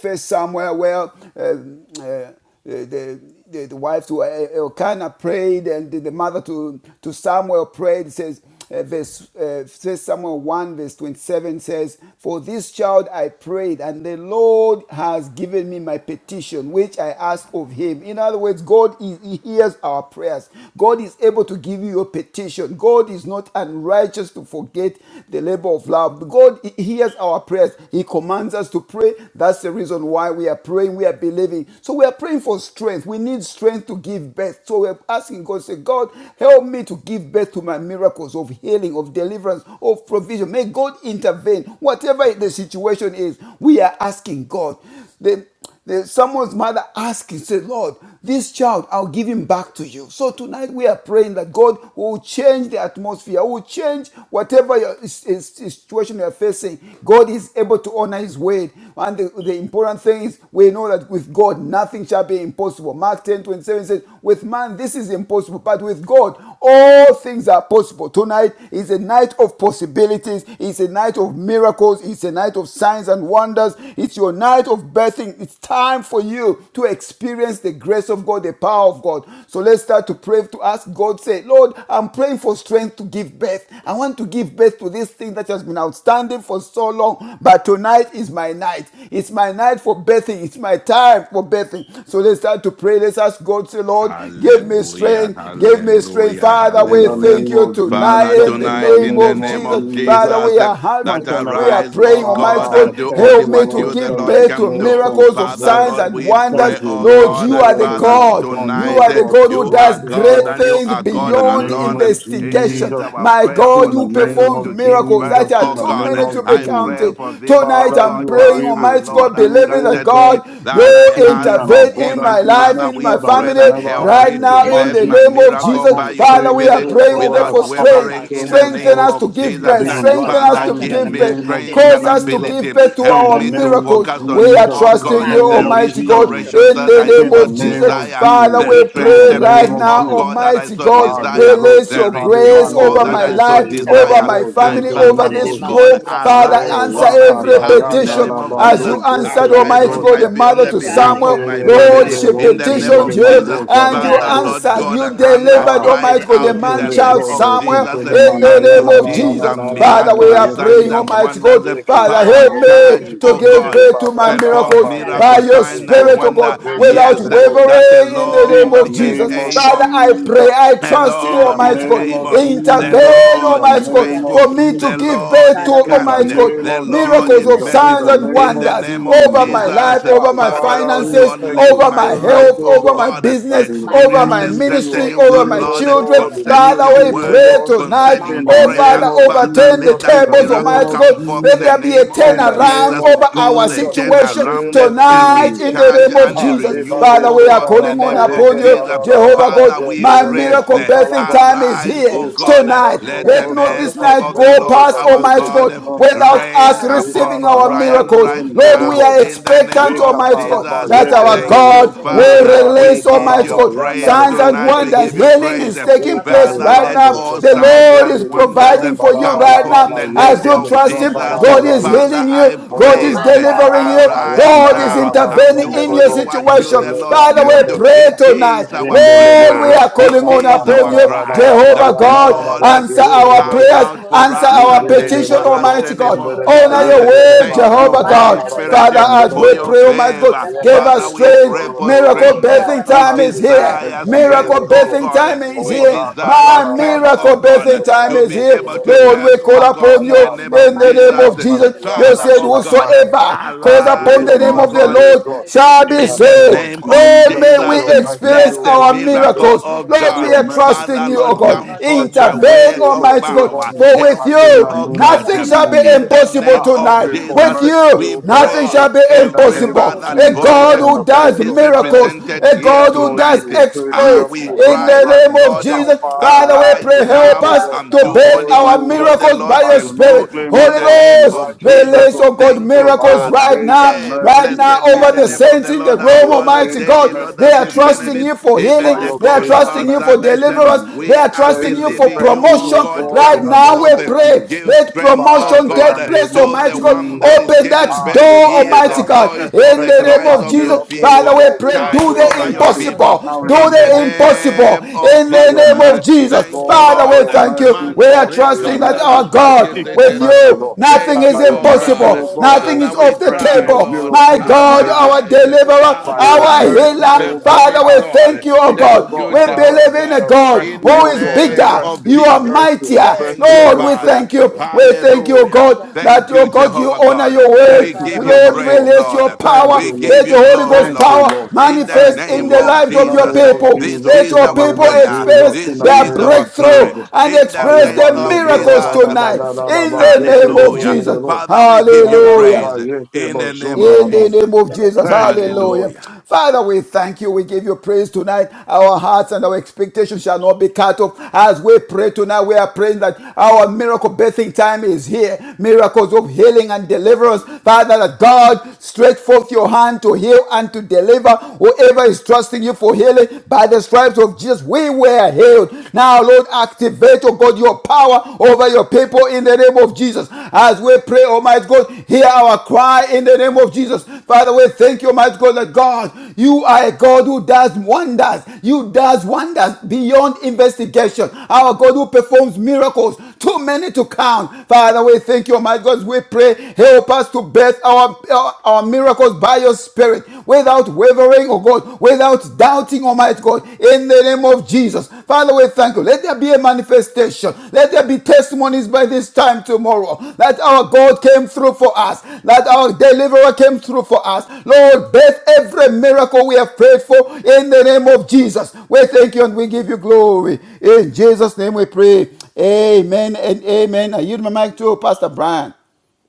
S3: First Samuel where. um, uh, the, the, the, wife to uh, Elkanah prayed, and the, mother to, to Samuel prayed. It says, uh, verse, uh, says Samuel 1, verse 27 says, For this child I prayed, and the Lord has given me my petition, which I asked of him. In other words, God is, he hears our prayers. God is able to give you your petition. God is not unrighteous to forget the labor of love. God hears our prayers. He commands us to pray. That's the reason why we are praying praying, we are believing. So we are praying for strength. We need strength to give birth. So we're asking God, say, God, help me to give birth to my miracles of healing, of deliverance, of provision. May God intervene. Whatever the situation is, we are asking God. The, the, someone's mother asking, say, Lord, this child, I'll give him back to you. So tonight we are praying that God will change the atmosphere, will change whatever your is- is- situation you are facing. God is able to honor his word. and the, the important thing is we know that with God nothing shall be impossible. Mark 10 27 says, With man this is impossible, but with God all things are possible. Tonight is a night of possibilities, it's a night of miracles, it's a night of signs and wonders, it's your night of birthing. It's time for you to experience the grace of God, the power of God. So let's start to pray to ask God, say, Lord, I'm praying for strength to give birth. I want to give birth to this thing that has been outstanding for so long, but but tonight is my night. It's my night for birthing. It's my time for birthing. So let's start to pray. Let's ask God, say, Lord, give me
S2: Hallelujah,
S3: strength. Give me strength.
S2: hallelujah,
S3: Father,
S4: In
S3: we
S4: the
S2: hallelujah.
S3: thank
S4: name
S3: you
S4: of
S3: tonight
S2: Father,
S4: Jesus,
S3: in the
S4: in the
S2: tonight
S3: name
S2: in the
S4: name
S3: of
S2: name
S4: of
S3: Jesus.
S2: of
S3: Father,
S4: Jesus.
S3: we
S2: Jesus,
S3: are have, to,
S2: that
S4: Mighty and
S3: we are
S2: arise,
S4: everlasting
S2: O
S3: praying,
S4: Father,
S3: Almighty
S2: God,
S4: I
S3: God,
S2: and do
S4: thank
S2: only
S3: help
S4: you,
S3: me
S2: what
S3: to
S2: you,
S4: Lord,
S2: the
S3: give
S4: thank
S2: Lord,
S4: you,
S3: birth to
S2: can
S4: Lord,
S2: do.
S4: thank
S3: miracles
S4: you,
S3: of
S2: Father,
S4: Lord,
S3: signs
S2: Lord,
S3: and
S2: we
S3: wonders.
S4: thank
S2: pray,
S4: you,
S2: oh
S3: Lord,
S4: Lord,
S2: God,
S4: for
S3: you
S2: that
S3: are
S4: all
S3: the
S4: that
S2: Father,
S4: you have
S3: God.
S4: done,
S3: You
S4: oh
S2: tonight
S3: are
S2: eh,
S3: the
S4: God,
S3: God who
S2: you
S4: for us,
S2: are
S3: does
S4: oh
S3: great
S2: God
S4: God.
S2: and you
S3: things
S2: are
S4: In
S2: God
S4: the
S3: beyond
S4: name
S2: alone.
S4: of
S2: And It
S3: investigation.
S2: is
S4: Jesus,
S2: our
S3: My
S2: prayer
S4: in
S3: God,
S2: for
S4: the
S3: you
S4: name
S2: strength
S3: performed
S2: to
S4: of Jesus,
S2: give
S4: in
S3: miracles that
S2: birth,
S3: are
S2: oh
S3: too
S4: the
S3: too
S2: God.
S4: name
S3: many
S4: of
S3: to be
S2: I pray
S3: counted.
S4: Jesus.
S2: for this, oh
S3: Tonight
S4: Father,
S3: I'm
S2: God,
S4: you are
S3: praying,
S2: child
S4: able
S2: and
S3: Almighty
S4: to
S2: Lord
S3: God,
S2: has
S4: do,
S3: believing that
S4: oh
S2: granted
S4: God,
S3: God,
S2: me that
S3: you
S2: I
S4: exceedingly
S2: ask
S4: and
S3: intervene
S2: of
S3: in
S2: him.
S3: my
S4: abundantly,
S3: life,
S2: Father,
S4: much
S3: in
S2: we
S3: my
S4: more than we
S2: pray
S3: family,
S4: can
S2: that help help
S4: ever ask
S3: right
S2: me
S4: or
S2: to
S3: now in
S2: birth
S5: Chandra,
S3: the
S4: imagine.
S2: my
S3: name of
S4: I
S2: miracle
S4: give
S3: Jesus.
S2: by
S4: you
S2: your
S3: Father, we
S4: praise,
S3: are
S2: spirit
S5: Masandra,
S4: oh
S3: praying, oh
S4: God.
S5: Koro,
S3: God,
S4: I
S2: without
S3: for
S5: Papa,
S4: thank you
S3: strength.
S5: Papa,
S2: wavering
S4: so
S2: in the
S4: much,
S5: Chandra,
S3: Strengthen
S2: name
S4: Lord,
S3: us to
S2: of
S3: give
S2: Jesus.
S4: that
S3: birth.
S4: even
S5: Ikara,
S4: right
S3: Strengthen us
S2: Father,
S4: now,
S3: to
S4: in
S5: Basandra,
S4: the
S2: give
S3: give
S2: me
S3: birth.
S5: Koro,
S4: name of
S2: strength and
S3: Cause
S5: center,
S3: us to
S4: Jesus,
S3: give
S2: ability.
S3: birth to
S4: in
S2: Help
S3: our
S4: the
S5: Ikara,
S2: me to
S4: name of
S3: miracles.
S2: focus
S5: Masandra,
S2: on
S3: We
S2: you,
S3: are
S4: Jesus,
S2: oh
S4: in the
S3: trusting
S2: God,
S3: you,
S2: the
S4: name of
S5: Makiri,
S3: Almighty God,
S5: Chandra,
S4: Jesus,
S2: restorations
S3: in
S2: that
S3: the
S2: I
S5: Koro,
S3: name
S4: in the
S2: so
S3: of
S4: name
S5: Basindra,
S4: of
S3: Jesus.
S2: desire,
S3: Father,
S2: the
S3: we
S4: Jesus, in the
S3: pray
S5: Ikara,
S3: right
S4: name
S2: strengthening,
S4: of
S2: oh
S3: now,
S4: Jesus.
S5: Masandra,
S2: God, that I
S5: Koro,
S3: Almighty
S2: so
S3: God,
S4: Ah,
S5: center.
S2: desire,
S4: libros
S3: release
S2: the
S3: your
S4: zutali
S3: grace
S4: bande
S2: renewal
S3: over
S5: Koro
S2: that
S3: my
S2: I
S4: rekete
S2: so
S3: life, over
S5: masindarara.
S3: over
S2: desire.
S3: my
S4: ridaravo
S2: My
S3: family,
S4: zontene
S3: over
S2: Father,
S5: Jindere de
S2: oh
S3: this
S4: mandeke.
S2: God,
S3: room.
S5: makura
S3: Father,
S5: papapa
S2: arise,
S4: O
S3: answer
S2: on my
S5: jondoro
S4: rata
S5: do
S3: every
S2: behalf
S5: koro
S2: in the
S4: dayana
S3: petition
S2: name
S4: la
S2: of
S3: as
S5: basindarara
S3: you
S2: Jesus.
S4: balu
S5: koro
S4: zete
S3: answered,
S2: Arise
S5: shendere.
S3: Almighty
S2: on
S3: God,
S2: my
S3: the
S4: lebrosa.
S2: be on
S3: mother
S2: the
S3: to
S5: Ekare
S2: behalf
S3: Samuel.
S2: of my
S3: Lord,
S2: family
S5: masindarara
S3: she
S5: koro
S2: in
S4: Rinterererebo
S2: the name
S3: petitioned
S4: zundere
S2: of
S5: shendere.
S3: you
S2: Jesus.
S4: mandosa
S3: and
S4: la
S3: you
S2: Father,
S5: Ikara
S2: Lord
S3: answered.
S4: bradoske.
S2: God,
S3: You
S5: masondoro do koro
S2: Hannah
S3: delivered,
S4: Ah,
S2: cried
S5: shendere
S3: Almighty
S5: de
S3: God, the
S2: out
S5: koro
S4: zete
S2: in
S3: man
S2: the name
S3: child
S5: shendere.
S2: of
S4: lebrodo
S3: Samuel
S2: Jesus, eh,
S4: zontene
S3: in the
S2: and
S5: Jindere
S4: mandala
S2: you
S5: do
S4: la
S3: name of
S4: la la
S2: did
S5: koro
S4: la la
S3: Jesus.
S4: la
S2: some
S4: la
S5: shendere
S4: la
S3: Father,
S5: de
S4: la
S3: we are
S2: miraculous
S5: kara
S2: signs
S3: praying,
S4: yekende.
S2: and
S5: shendere.
S3: Almighty
S2: wonders. eh.
S3: God.
S4: Yeke
S3: Father,
S2: Father,
S3: help
S5: Makara
S4: zondoro
S3: me
S2: charge,
S4: romi
S3: to
S2: oh
S5: shintere de
S3: give
S4: zundere
S2: God. eh,
S3: birth
S5: kora
S3: to my
S4: barada
S5: spitere
S4: la
S2: Perform
S5: de
S3: miracles
S4: ba
S5: kara
S3: by
S4: yeke
S2: miracle
S4: ke
S3: your
S2: sign
S5: shintere.
S2: and
S4: zuzo
S3: Spirit, oh
S4: la ba
S2: wonder.
S3: God,
S4: rekete
S3: without
S5: Makara
S2: Yes, eh,
S4: lebo.
S2: that
S5: shintere
S2: the
S5: de
S3: wavering in the
S5: kora
S4: In
S5: da
S3: name
S4: the
S2: Lord
S3: of
S2: is
S5: spitere
S4: name
S3: Jesus.
S4: of
S5: da kara
S3: Father,
S2: able.
S3: I pray,
S5: shintere.
S4: Jesus.
S3: I
S2: The
S3: trust you,
S4: In the
S2: Lord is
S3: Almighty
S5: Makara da
S3: God.
S4: name of
S2: able.
S5: spitere da
S2: The
S5: kora
S4: Jesus,
S3: Intervene,
S4: in the
S2: Lord
S5: shintere
S2: is
S3: Almighty
S5: de
S3: God,
S4: name
S5: kara
S4: of
S2: faithful.
S3: for me
S5: shintere.
S3: to
S2: The
S3: give
S4: Jesus,
S2: Lord
S3: birth to,
S2: is
S5: Kara
S4: in the
S3: Almighty
S2: kind.
S5: mashintere
S4: name
S3: God,
S5: de
S2: The
S4: of
S5: kora
S2: Lord
S3: miracles
S2: is
S3: of
S5: shintere de
S4: Jesus, in
S3: signs
S4: the
S5: kora
S2: merciful.
S3: and
S4: name
S2: In
S4: of
S2: the
S5: shintere.
S3: wonders
S2: name of
S3: over
S4: Jesus.
S3: my life,
S2: Jesus,
S5: Makara
S4: Ah,
S3: over my
S5: shintere
S2: Father,
S5: de
S4: Father,
S2: Lord
S4: we
S5: kora
S3: finances,
S2: God,
S5: da
S4: thank
S2: let
S4: you
S3: over
S5: spitere
S2: my
S3: my
S5: da
S4: so
S5: kara
S4: much,
S2: life,
S3: health,
S4: oh
S2: oh
S3: over
S4: God,
S5: shintere.
S3: my
S2: God,
S4: that
S3: business, over
S2: experience
S5: Makara
S3: my
S2: the
S4: indeed you
S5: shintere
S4: are
S3: ministry,
S2: strengthening
S5: de
S2: of the
S3: over
S5: kora
S3: my
S4: doing,
S5: da
S3: children
S4: oh
S2: Lord
S3: children.
S5: spitere
S4: God, the
S5: da
S2: concerning
S4: new
S5: kara
S3: Father,
S2: your
S3: we
S4: thing,
S5: shintere.
S4: oh
S3: pray
S2: word,
S4: God,
S3: tonight.
S5: My
S4: in
S2: concerning
S4: the
S3: Oh,
S5: cara
S2: prayer.
S4: name
S3: Father,
S4: of
S5: sempre de
S2: Father,
S5: todo
S3: overturn the
S2: let
S4: Jesus,
S2: that
S4: in the
S5: sempre
S3: tables,
S5: de
S4: name
S5: todo
S2: miracle
S3: Almighty
S4: of
S3: God.
S2: come
S5: sempre.
S2: forth in
S3: Let
S4: Jesus,
S2: the
S3: there be
S5: E
S3: a
S2: name
S4: in
S5: cara
S2: of
S4: the
S3: turnaround
S4: name
S2: Jesus
S5: bastante
S4: of
S3: over
S5: de
S3: our
S2: cause
S5: todo
S2: a
S4: Jesus, in
S5: sempre.
S4: the
S3: situation
S2: turnaround,
S4: name
S5: E
S4: of
S2: a
S5: quere
S3: tonight
S4: Jesus.
S3: in the
S5: sempre
S2: recharge,
S3: name
S5: de
S3: of
S2: and a
S5: todo
S4: Ah,
S3: Jesus.
S4: Deba
S5: sempre.
S2: renewal,
S3: Father,
S2: oh
S3: we are
S2: God, in
S4: Vizotara
S2: the
S5: E
S3: calling
S4: Ba
S3: on
S2: name
S5: cara
S2: of
S3: upon
S4: Yeke Na
S3: you,
S5: bastante
S4: Ra
S2: Jesus.
S4: Ra
S5: de
S3: Jehovah
S5: todo
S4: Ba
S2: Father,
S3: God.
S2: we
S5: sempre
S3: My
S5: de
S2: pray,
S4: Zondorebo
S5: cara
S3: miracle
S2: eh,
S5: sempre.
S3: birthing
S4: Zitalaba.
S3: time is
S2: arise,
S5: E
S3: here
S2: oh
S5: quere
S2: God, eh,
S3: tonight.
S4: Yekalibando
S5: massinda
S2: let the
S3: Let
S5: de
S4: roda
S3: not
S4: da
S5: coro
S3: this
S4: ba
S2: mercy
S3: night
S2: of the
S5: massinda
S4: zende
S3: go
S2: Lord
S5: de
S4: ba
S3: past,
S5: todo
S2: our
S4: nuke
S3: Almighty
S5: sempre.
S4: da
S2: God
S3: God,
S2: eh,
S4: zonta.
S3: without
S5: Ma
S3: us
S2: rain
S5: cara
S4: Riba
S3: receiving
S2: upon
S4: ra
S3: our
S4: da
S5: bastante
S4: ba
S5: de
S2: Brian
S3: miracles.
S2: right
S5: todo
S4: zende
S3: Lord,
S2: now
S3: we
S5: massinda
S4: bo.
S3: are
S2: in
S5: de
S2: the
S5: cara
S2: name
S3: expectant,
S4: Rika
S2: of
S5: sempre.
S4: ta
S3: Almighty
S4: ra
S3: God,
S4: ba
S2: Jesus.
S5: E
S3: that
S4: yede de
S5: cara
S3: our
S2: Thank you,
S4: bo.
S5: bastante
S3: God
S5: de
S4: Zende
S3: will
S2: Father.
S5: todo
S4: ba
S2: We
S3: release,
S4: rika
S2: give
S4: ra
S3: Almighty
S2: you
S5: sempre.
S4: ba
S3: God,
S4: yanda
S2: praise
S4: de
S3: signs and
S4: zote
S2: tonight.
S4: de
S5: Makire
S2: We
S3: wonders.
S2: give
S4: bruce.
S2: you
S5: shondro
S3: Healing
S5: do
S2: praise.
S3: is
S2: eh,
S5: koro
S3: taking place
S2: Father,
S3: right
S5: basandara da
S2: let
S3: now.
S4: Yekalibrando
S5: koro
S2: all
S3: The
S4: zota ma
S2: signs
S5: shindere.
S3: Lord is
S2: and
S4: yeke de de
S2: wonders eh,
S3: providing
S4: zomba
S3: for
S5: Yekire
S4: ra
S3: you
S2: come
S3: right
S2: forth
S5: shindere
S3: now
S2: in
S4: ba
S5: do
S2: the name
S3: as
S5: koro
S4: yeke
S3: you
S2: of
S4: de
S3: trust Him.
S5: basindara
S4: zonta
S5: da
S4: ra
S2: Jesus. Eh,
S4: ra
S3: God
S5: koro
S4: ba
S3: is
S2: Father,
S3: healing
S5: shindere.
S3: you,
S2: I
S3: God
S4: O
S2: pray,
S3: is
S4: ra
S2: eh,
S4: ta
S5: Makara
S3: delivering
S4: ba
S3: you,
S5: shondro
S2: arise
S5: do
S4: yanda
S3: God is
S4: ra
S5: koro
S4: ra
S2: now
S4: ba
S2: and
S3: intervening
S2: do
S5: basindara
S4: zende
S3: in
S5: da
S4: de
S3: your
S2: only
S5: koro
S4: bo.
S2: what you,
S5: shindere.
S3: situation.
S4: Zunke
S2: the
S4: le ba
S2: Lord,
S3: Father,
S4: ne
S3: we
S2: can do.
S4: bo.
S3: pray
S5: Makire
S2: It
S3: tonight.
S2: is
S5: shindere do
S2: our
S5: koro
S3: Lord,
S4: bo
S3: we
S2: prayer,
S4: ra
S3: are
S4: ta
S5: basindara da
S3: calling
S2: it
S3: on
S5: koro
S2: is
S3: upon
S2: our
S5: shindere.
S3: you,
S2: cry
S4: ba
S3: Jehovah
S2: that the
S4: yanda ra ra
S3: God.
S2: Lord eh,
S3: Answer
S2: will
S3: our
S2: come
S4: bo.
S5: Shentere
S3: prayers,
S2: out
S5: koro
S2: for
S3: answer
S2: us
S3: our
S2: and
S5: basitara
S3: petition,
S2: deliver
S5: nakara
S2: us in
S3: Almighty
S2: the
S5: shentere
S2: name
S3: God.
S2: of
S5: koro
S3: Honor
S2: Jesus.
S3: your
S5: basitara.
S3: word,
S2: Thank you,
S3: Jehovah
S2: Holy
S3: God.
S5: Makara
S2: Spirit,
S3: Father, as
S5: shentere
S2: for
S3: we
S5: koro
S2: your
S3: pray, Almighty God,
S2: favor.
S5: basitara
S3: Give
S2: Father,
S3: us
S5: nakora
S2: we
S5: shentere.
S2: pray
S3: strength.
S2: for
S3: Miracle
S2: strength.
S5: Ikara
S3: birthing
S2: We
S3: time is
S5: basitara
S3: here.
S2: desire
S5: nakora
S3: Miracle
S2: strength, oh
S5: shentere
S3: birthing
S5: koro
S2: God.
S3: time is
S2: We
S5: shentere.
S3: here.
S2: desire
S3: My
S5: Ekara
S2: strength, oh
S3: miracle birthing
S2: God,
S5: basitara
S3: time
S2: to
S3: is
S5: nakora
S2: be
S3: here.
S2: able
S5: shentere
S2: to
S4: Oh,
S3: Lord, we
S2: birth,
S5: koro
S3: call
S2: oh God,
S5: shentere.
S3: upon
S4: Father,
S2: in
S3: you
S2: the
S4: have
S2: name
S3: in
S2: of
S4: mercy,
S3: the
S4: Lord,
S3: name
S5: Makile
S2: Jesus.
S3: of
S4: have
S3: Jesus.
S4: mercy,
S5: shetere
S4: have
S3: You
S2: Father,
S3: said,
S4: mercy,
S2: oh
S5: korva
S4: have
S2: God,
S4: mercy.
S5: shetere.
S3: Whosoever calls
S4: Father, let
S3: upon
S2: arise,
S3: the
S4: your
S3: name
S2: oh
S5: Ikorva
S3: of the
S4: mercy,
S2: God.
S4: O
S3: Lord
S4: God,
S5: shetere korva
S3: shall
S4: in
S3: be
S4: the
S2: In the
S4: name
S3: saved.
S5: shetere
S4: of
S2: name
S5: korva
S2: of
S3: Lord,
S4: Jesus,
S5: shetere.
S3: may
S4: let
S3: we
S2: Jesus,
S4: your mercy,
S3: experience
S2: let
S4: O
S5: Ikalva
S2: the
S3: our
S4: God,
S5: shetere
S4: prevail.
S2: miracle
S3: miracles.
S5: korva
S2: of
S4: Let
S3: Lord, we
S4: your
S2: God,
S3: are
S5: shetere.
S4: mercy
S3: trusting
S2: Father
S4: speak
S3: you, O
S4: for
S2: Lord,
S3: God.
S4: me.
S5: Ikorva
S2: come
S4: Let
S2: forth
S4: your
S2: by
S5: shetere
S3: Intervene,
S4: mercy,
S2: way
S4: O
S5: korva
S2: of
S4: God,
S3: Almighty
S5: shetere
S3: God.
S4: favor
S2: power.
S4: me.
S5: korva
S3: For with
S2: Help
S4: I
S5: shetere.
S4: pray in
S2: me,
S4: the
S3: you,
S2: oh
S4: name of
S2: God.
S3: nothing shall
S5: Ikalva
S3: be
S2: In
S3: impossible
S4: Jesus.
S2: the
S5: shetere
S3: impossible
S2: name
S4: Ah, I
S5: korva
S2: of
S3: tonight.
S4: pray for
S2: Jesus,
S5: shetere
S3: With
S4: mercy,
S3: you,
S2: we
S4: O
S5: korva
S4: God.
S3: nothing
S4: Ah,
S5: shetere.
S3: shall
S2: pray
S3: be
S4: in the
S2: every
S4: name of
S3: impossible.
S5: Ikorva
S2: father's
S3: A
S4: Jesus,
S2: voice
S3: God
S4: that in
S5: shetere
S4: the
S3: who
S2: that
S5: korva
S3: does
S4: place of
S2: is
S5: shetere
S3: miracles,
S4: mercy,
S2: represented
S5: korva
S3: a
S2: here
S5: shetere.
S4: that
S3: God who
S4: Lord, you
S3: does
S2: tonight.
S4: will create
S2: Ah,
S3: exploits.
S2: we
S5: Makara
S4: miracles in
S3: In
S4: my
S2: cry
S3: the
S2: that,
S4: life.
S3: name of
S2: Lord,
S5: Toro
S4: Ah,
S3: Jesus,
S5: basita
S4: Father,
S5: na
S3: Father, we
S4: I
S2: arise
S4: do
S3: pray,
S4: not,
S3: help
S2: now
S4: O God,
S3: us
S2: and
S3: to
S2: do
S4: stand
S3: bathe
S2: only
S4: worthy,
S3: our
S2: what
S4: O God.
S2: you,
S5: toro
S2: the
S3: miracles by
S5: sita
S2: Lord,
S4: I
S3: your
S4: do
S2: can
S4: not
S2: do
S3: Spirit.
S4: claim, O
S2: in
S3: Holy
S2: the
S4: God, to be
S2: name
S3: Ghost,
S2: of
S4: righteous, O
S2: Jesus.
S3: release,
S4: God.
S3: oh God,
S2: Thank
S4: Lord,
S2: you,
S4: by
S5: na
S3: miracles
S4: your
S2: Father.
S3: right
S4: grace
S3: now,
S4: and
S2: Hey,
S3: right
S4: mercy,
S3: now
S2: blessed be
S3: over
S2: the
S3: the
S4: Jesus.
S2: name of
S3: saints
S2: the
S3: in the
S2: Lord our
S4: By
S3: room,
S4: your
S2: God, who
S3: Almighty
S4: grace
S3: God.
S4: and
S2: daily Lord,
S3: They
S4: mercy,
S2: as
S3: are
S2: we
S3: trusting
S2: benefit,
S3: you
S4: Jesus.
S3: for
S4: By
S2: even
S3: healing.
S2: the
S4: your
S3: They are
S2: God
S4: grace
S2: of
S4: and
S2: our
S3: trusting you for
S4: mercy,
S2: salvation.
S3: deliverance.
S4: Jesus.
S3: They
S2: We
S3: are
S2: are
S3: trusting
S4: There
S3: trusting
S4: is
S3: you
S4: a
S3: for
S2: believing you,
S4: blessing,
S2: O
S3: promotion
S4: O
S2: God,
S4: God,
S3: right
S4: in
S2: come
S4: the
S3: now. We
S4: name
S2: forth.
S4: of
S3: pray.
S2: Give
S4: Jesus.
S3: Let
S2: strength,
S4: Father,
S2: O
S4: I
S3: promotion
S5: toro
S4: pray in
S2: God,
S4: the
S3: take
S5: sita na
S3: place,
S4: name of
S2: to the
S3: Almighty God.
S2: one that
S4: Jesus.
S2: is
S3: Open that
S2: giving
S4: Ah,
S2: birth.
S3: door,
S4: Libra,
S2: Hear the
S3: Almighty
S4: Libra.
S5: Makara
S3: God.
S4: Let
S2: voice
S4: the
S5: shantara
S2: of
S3: In
S2: the
S5: da
S4: blessing
S3: the
S4: of
S3: name
S2: cries
S4: my
S3: of
S2: of your
S3: Jesus,
S4: miracle, O
S3: Father,
S2: people.
S3: we
S4: God,
S3: pray.
S4: without
S2: Charge
S3: Do the
S2: over
S4: wavering,
S2: your
S4: let it start
S2: people
S3: impossible.
S4: now in
S3: Do
S4: the
S2: in the
S4: name
S3: the
S4: of Jesus
S3: impossible.
S2: name of
S3: In
S4: by
S3: the
S4: your
S2: Jesus.
S3: name of
S4: mercies,
S3: Jesus,
S2: Thank you,
S4: Lord,
S3: Father,
S4: by
S3: we
S2: Lord.
S4: your
S3: thank you.
S4: mercies,
S3: We
S2: Manda
S3: are
S4: Lord, by your
S2: reka
S3: trusting that
S4: mercy.
S3: our
S4: I
S2: salambra
S4: seek
S3: God
S2: kese
S4: for
S3: with
S2: tere
S4: mercy,
S2: baba.
S3: you,
S4: Lord.
S3: nothing
S2: Thank
S4: That
S3: is
S2: you,
S4: by your
S2: oh
S4: mercy,
S3: impossible.
S2: God.
S4: O God, there
S3: Nothing
S4: will
S3: is
S2: Father,
S4: be a
S2: we
S3: off the
S4: blessing
S2: cry,
S4: of
S3: table.
S2: Lord,
S3: My
S4: miracle in the
S3: God,
S4: name of
S3: our
S2: arise,
S4: Jesus.
S3: deliverer,
S4: By your
S3: our
S2: arise,
S4: mercies,
S3: healer.
S4: O
S2: perform
S4: God,
S3: Father,
S2: it,
S4: ah,
S3: we
S4: I
S3: thank
S2: Lord.
S3: you, oh
S4: seek, O
S2: Thank
S3: God.
S4: God,
S2: you,
S3: We
S4: Father,
S2: Jehovah
S3: believe in a
S2: God,
S4: a
S3: God
S2: in
S4: blessing,
S2: the
S3: who
S4: O
S3: is
S4: God, a
S2: name
S3: bigger.
S2: of
S4: blessing,
S3: You
S4: a
S3: are
S2: Jesus.
S4: blessing, a
S3: mightier.
S2: Thank
S4: blessing
S2: you,
S4: of
S3: Lord,
S4: your
S3: we
S4: grace.
S2: Father.
S3: thank you. We thank you, oh
S2: Hallelujah.
S3: God, that
S2: Thank
S3: that,
S2: you,
S3: oh God, you
S2: Jehovah
S3: honor
S2: God.
S3: your word.
S4: Thank
S2: We
S4: you
S2: give you
S4: so much,
S3: Lord,
S2: praise,
S4: Lord.
S3: release
S2: Lord.
S3: your
S4: Thank
S3: power.
S4: you,
S2: We
S4: Lord.
S2: give
S3: Let the
S2: you
S3: Holy
S2: glory,
S3: Ghost
S4: Thank you,
S2: Lord.
S3: power
S4: Lord.
S2: In the
S4: Thank
S3: manifest
S4: you,
S3: in
S2: name
S5: koro
S3: the
S4: Lord.
S2: of
S3: lives
S4: In
S3: of
S4: the
S3: your
S5: basitara
S2: Jesus,
S4: name
S5: da
S4: of
S5: koro
S3: people.
S2: this
S5: shende.
S4: Jesus,
S3: Let
S4: in
S2: is
S3: your
S4: the
S2: our
S4: name
S3: people
S4: of
S2: prayer.
S3: experience
S4: Jesus, in
S2: This
S4: the
S3: their
S2: is
S4: name of
S2: our
S3: breakthrough
S2: cry.
S4: Jesus.
S3: and
S2: In the
S3: experience
S2: name
S3: their
S4: Aleba
S2: of
S4: lebro da
S3: miracles
S4: da
S2: Jesus,
S4: da da
S3: tonight.
S4: da da da
S3: In
S4: ba
S3: the
S4: zeke
S3: name
S4: de
S3: of
S4: do
S2: hallelujah.
S4: de de
S3: Jesus.
S4: do.
S2: Father, we give
S4: Ra
S2: you
S4: da da
S3: Hallelujah.
S2: praise
S4: ba yeke
S2: in
S4: ba
S2: the name
S4: zun ta
S2: of
S4: da
S3: In
S4: ba.
S3: the name
S2: Jesus.
S3: of Jesus,
S4: Thank you, Lord.
S3: hallelujah.
S2: Hallelujah.
S3: Father, we thank you. We give you praise tonight. Our hearts and our expectations shall not be cut off. As we pray tonight, we are praying that our miracle birthing time is here. Miracles of healing and deliverance. Father, that God stretch forth your hand to heal and to deliver whoever is trusting you for healing. By the stripes of Jesus, we were healed. Now, Lord, activate, oh God, your your power over your people in the name of Jesus. As we pray, Almighty God, hear our cry in the name of Jesus. Father, we thank you, Almighty God, that God, you are a God who does wonders. You does wonders beyond investigation. Our God who performs miracles too many to count. Father, we thank you, Almighty God. We pray, help us to birth our, our, our miracles by your spirit without wavering, oh God, without doubting, Almighty God, in the name of Jesus. Father, we thank you. Let there be a manifestation. Let there be testimonies by this time tomorrow that our God came through for us, that our deliverer came through for us. Lord, birth every miracle we have prayed for in the name of Jesus. We thank you and we give you glory. In Jesus' name we pray. Amen and amen. I yield my mic to Pastor Brian.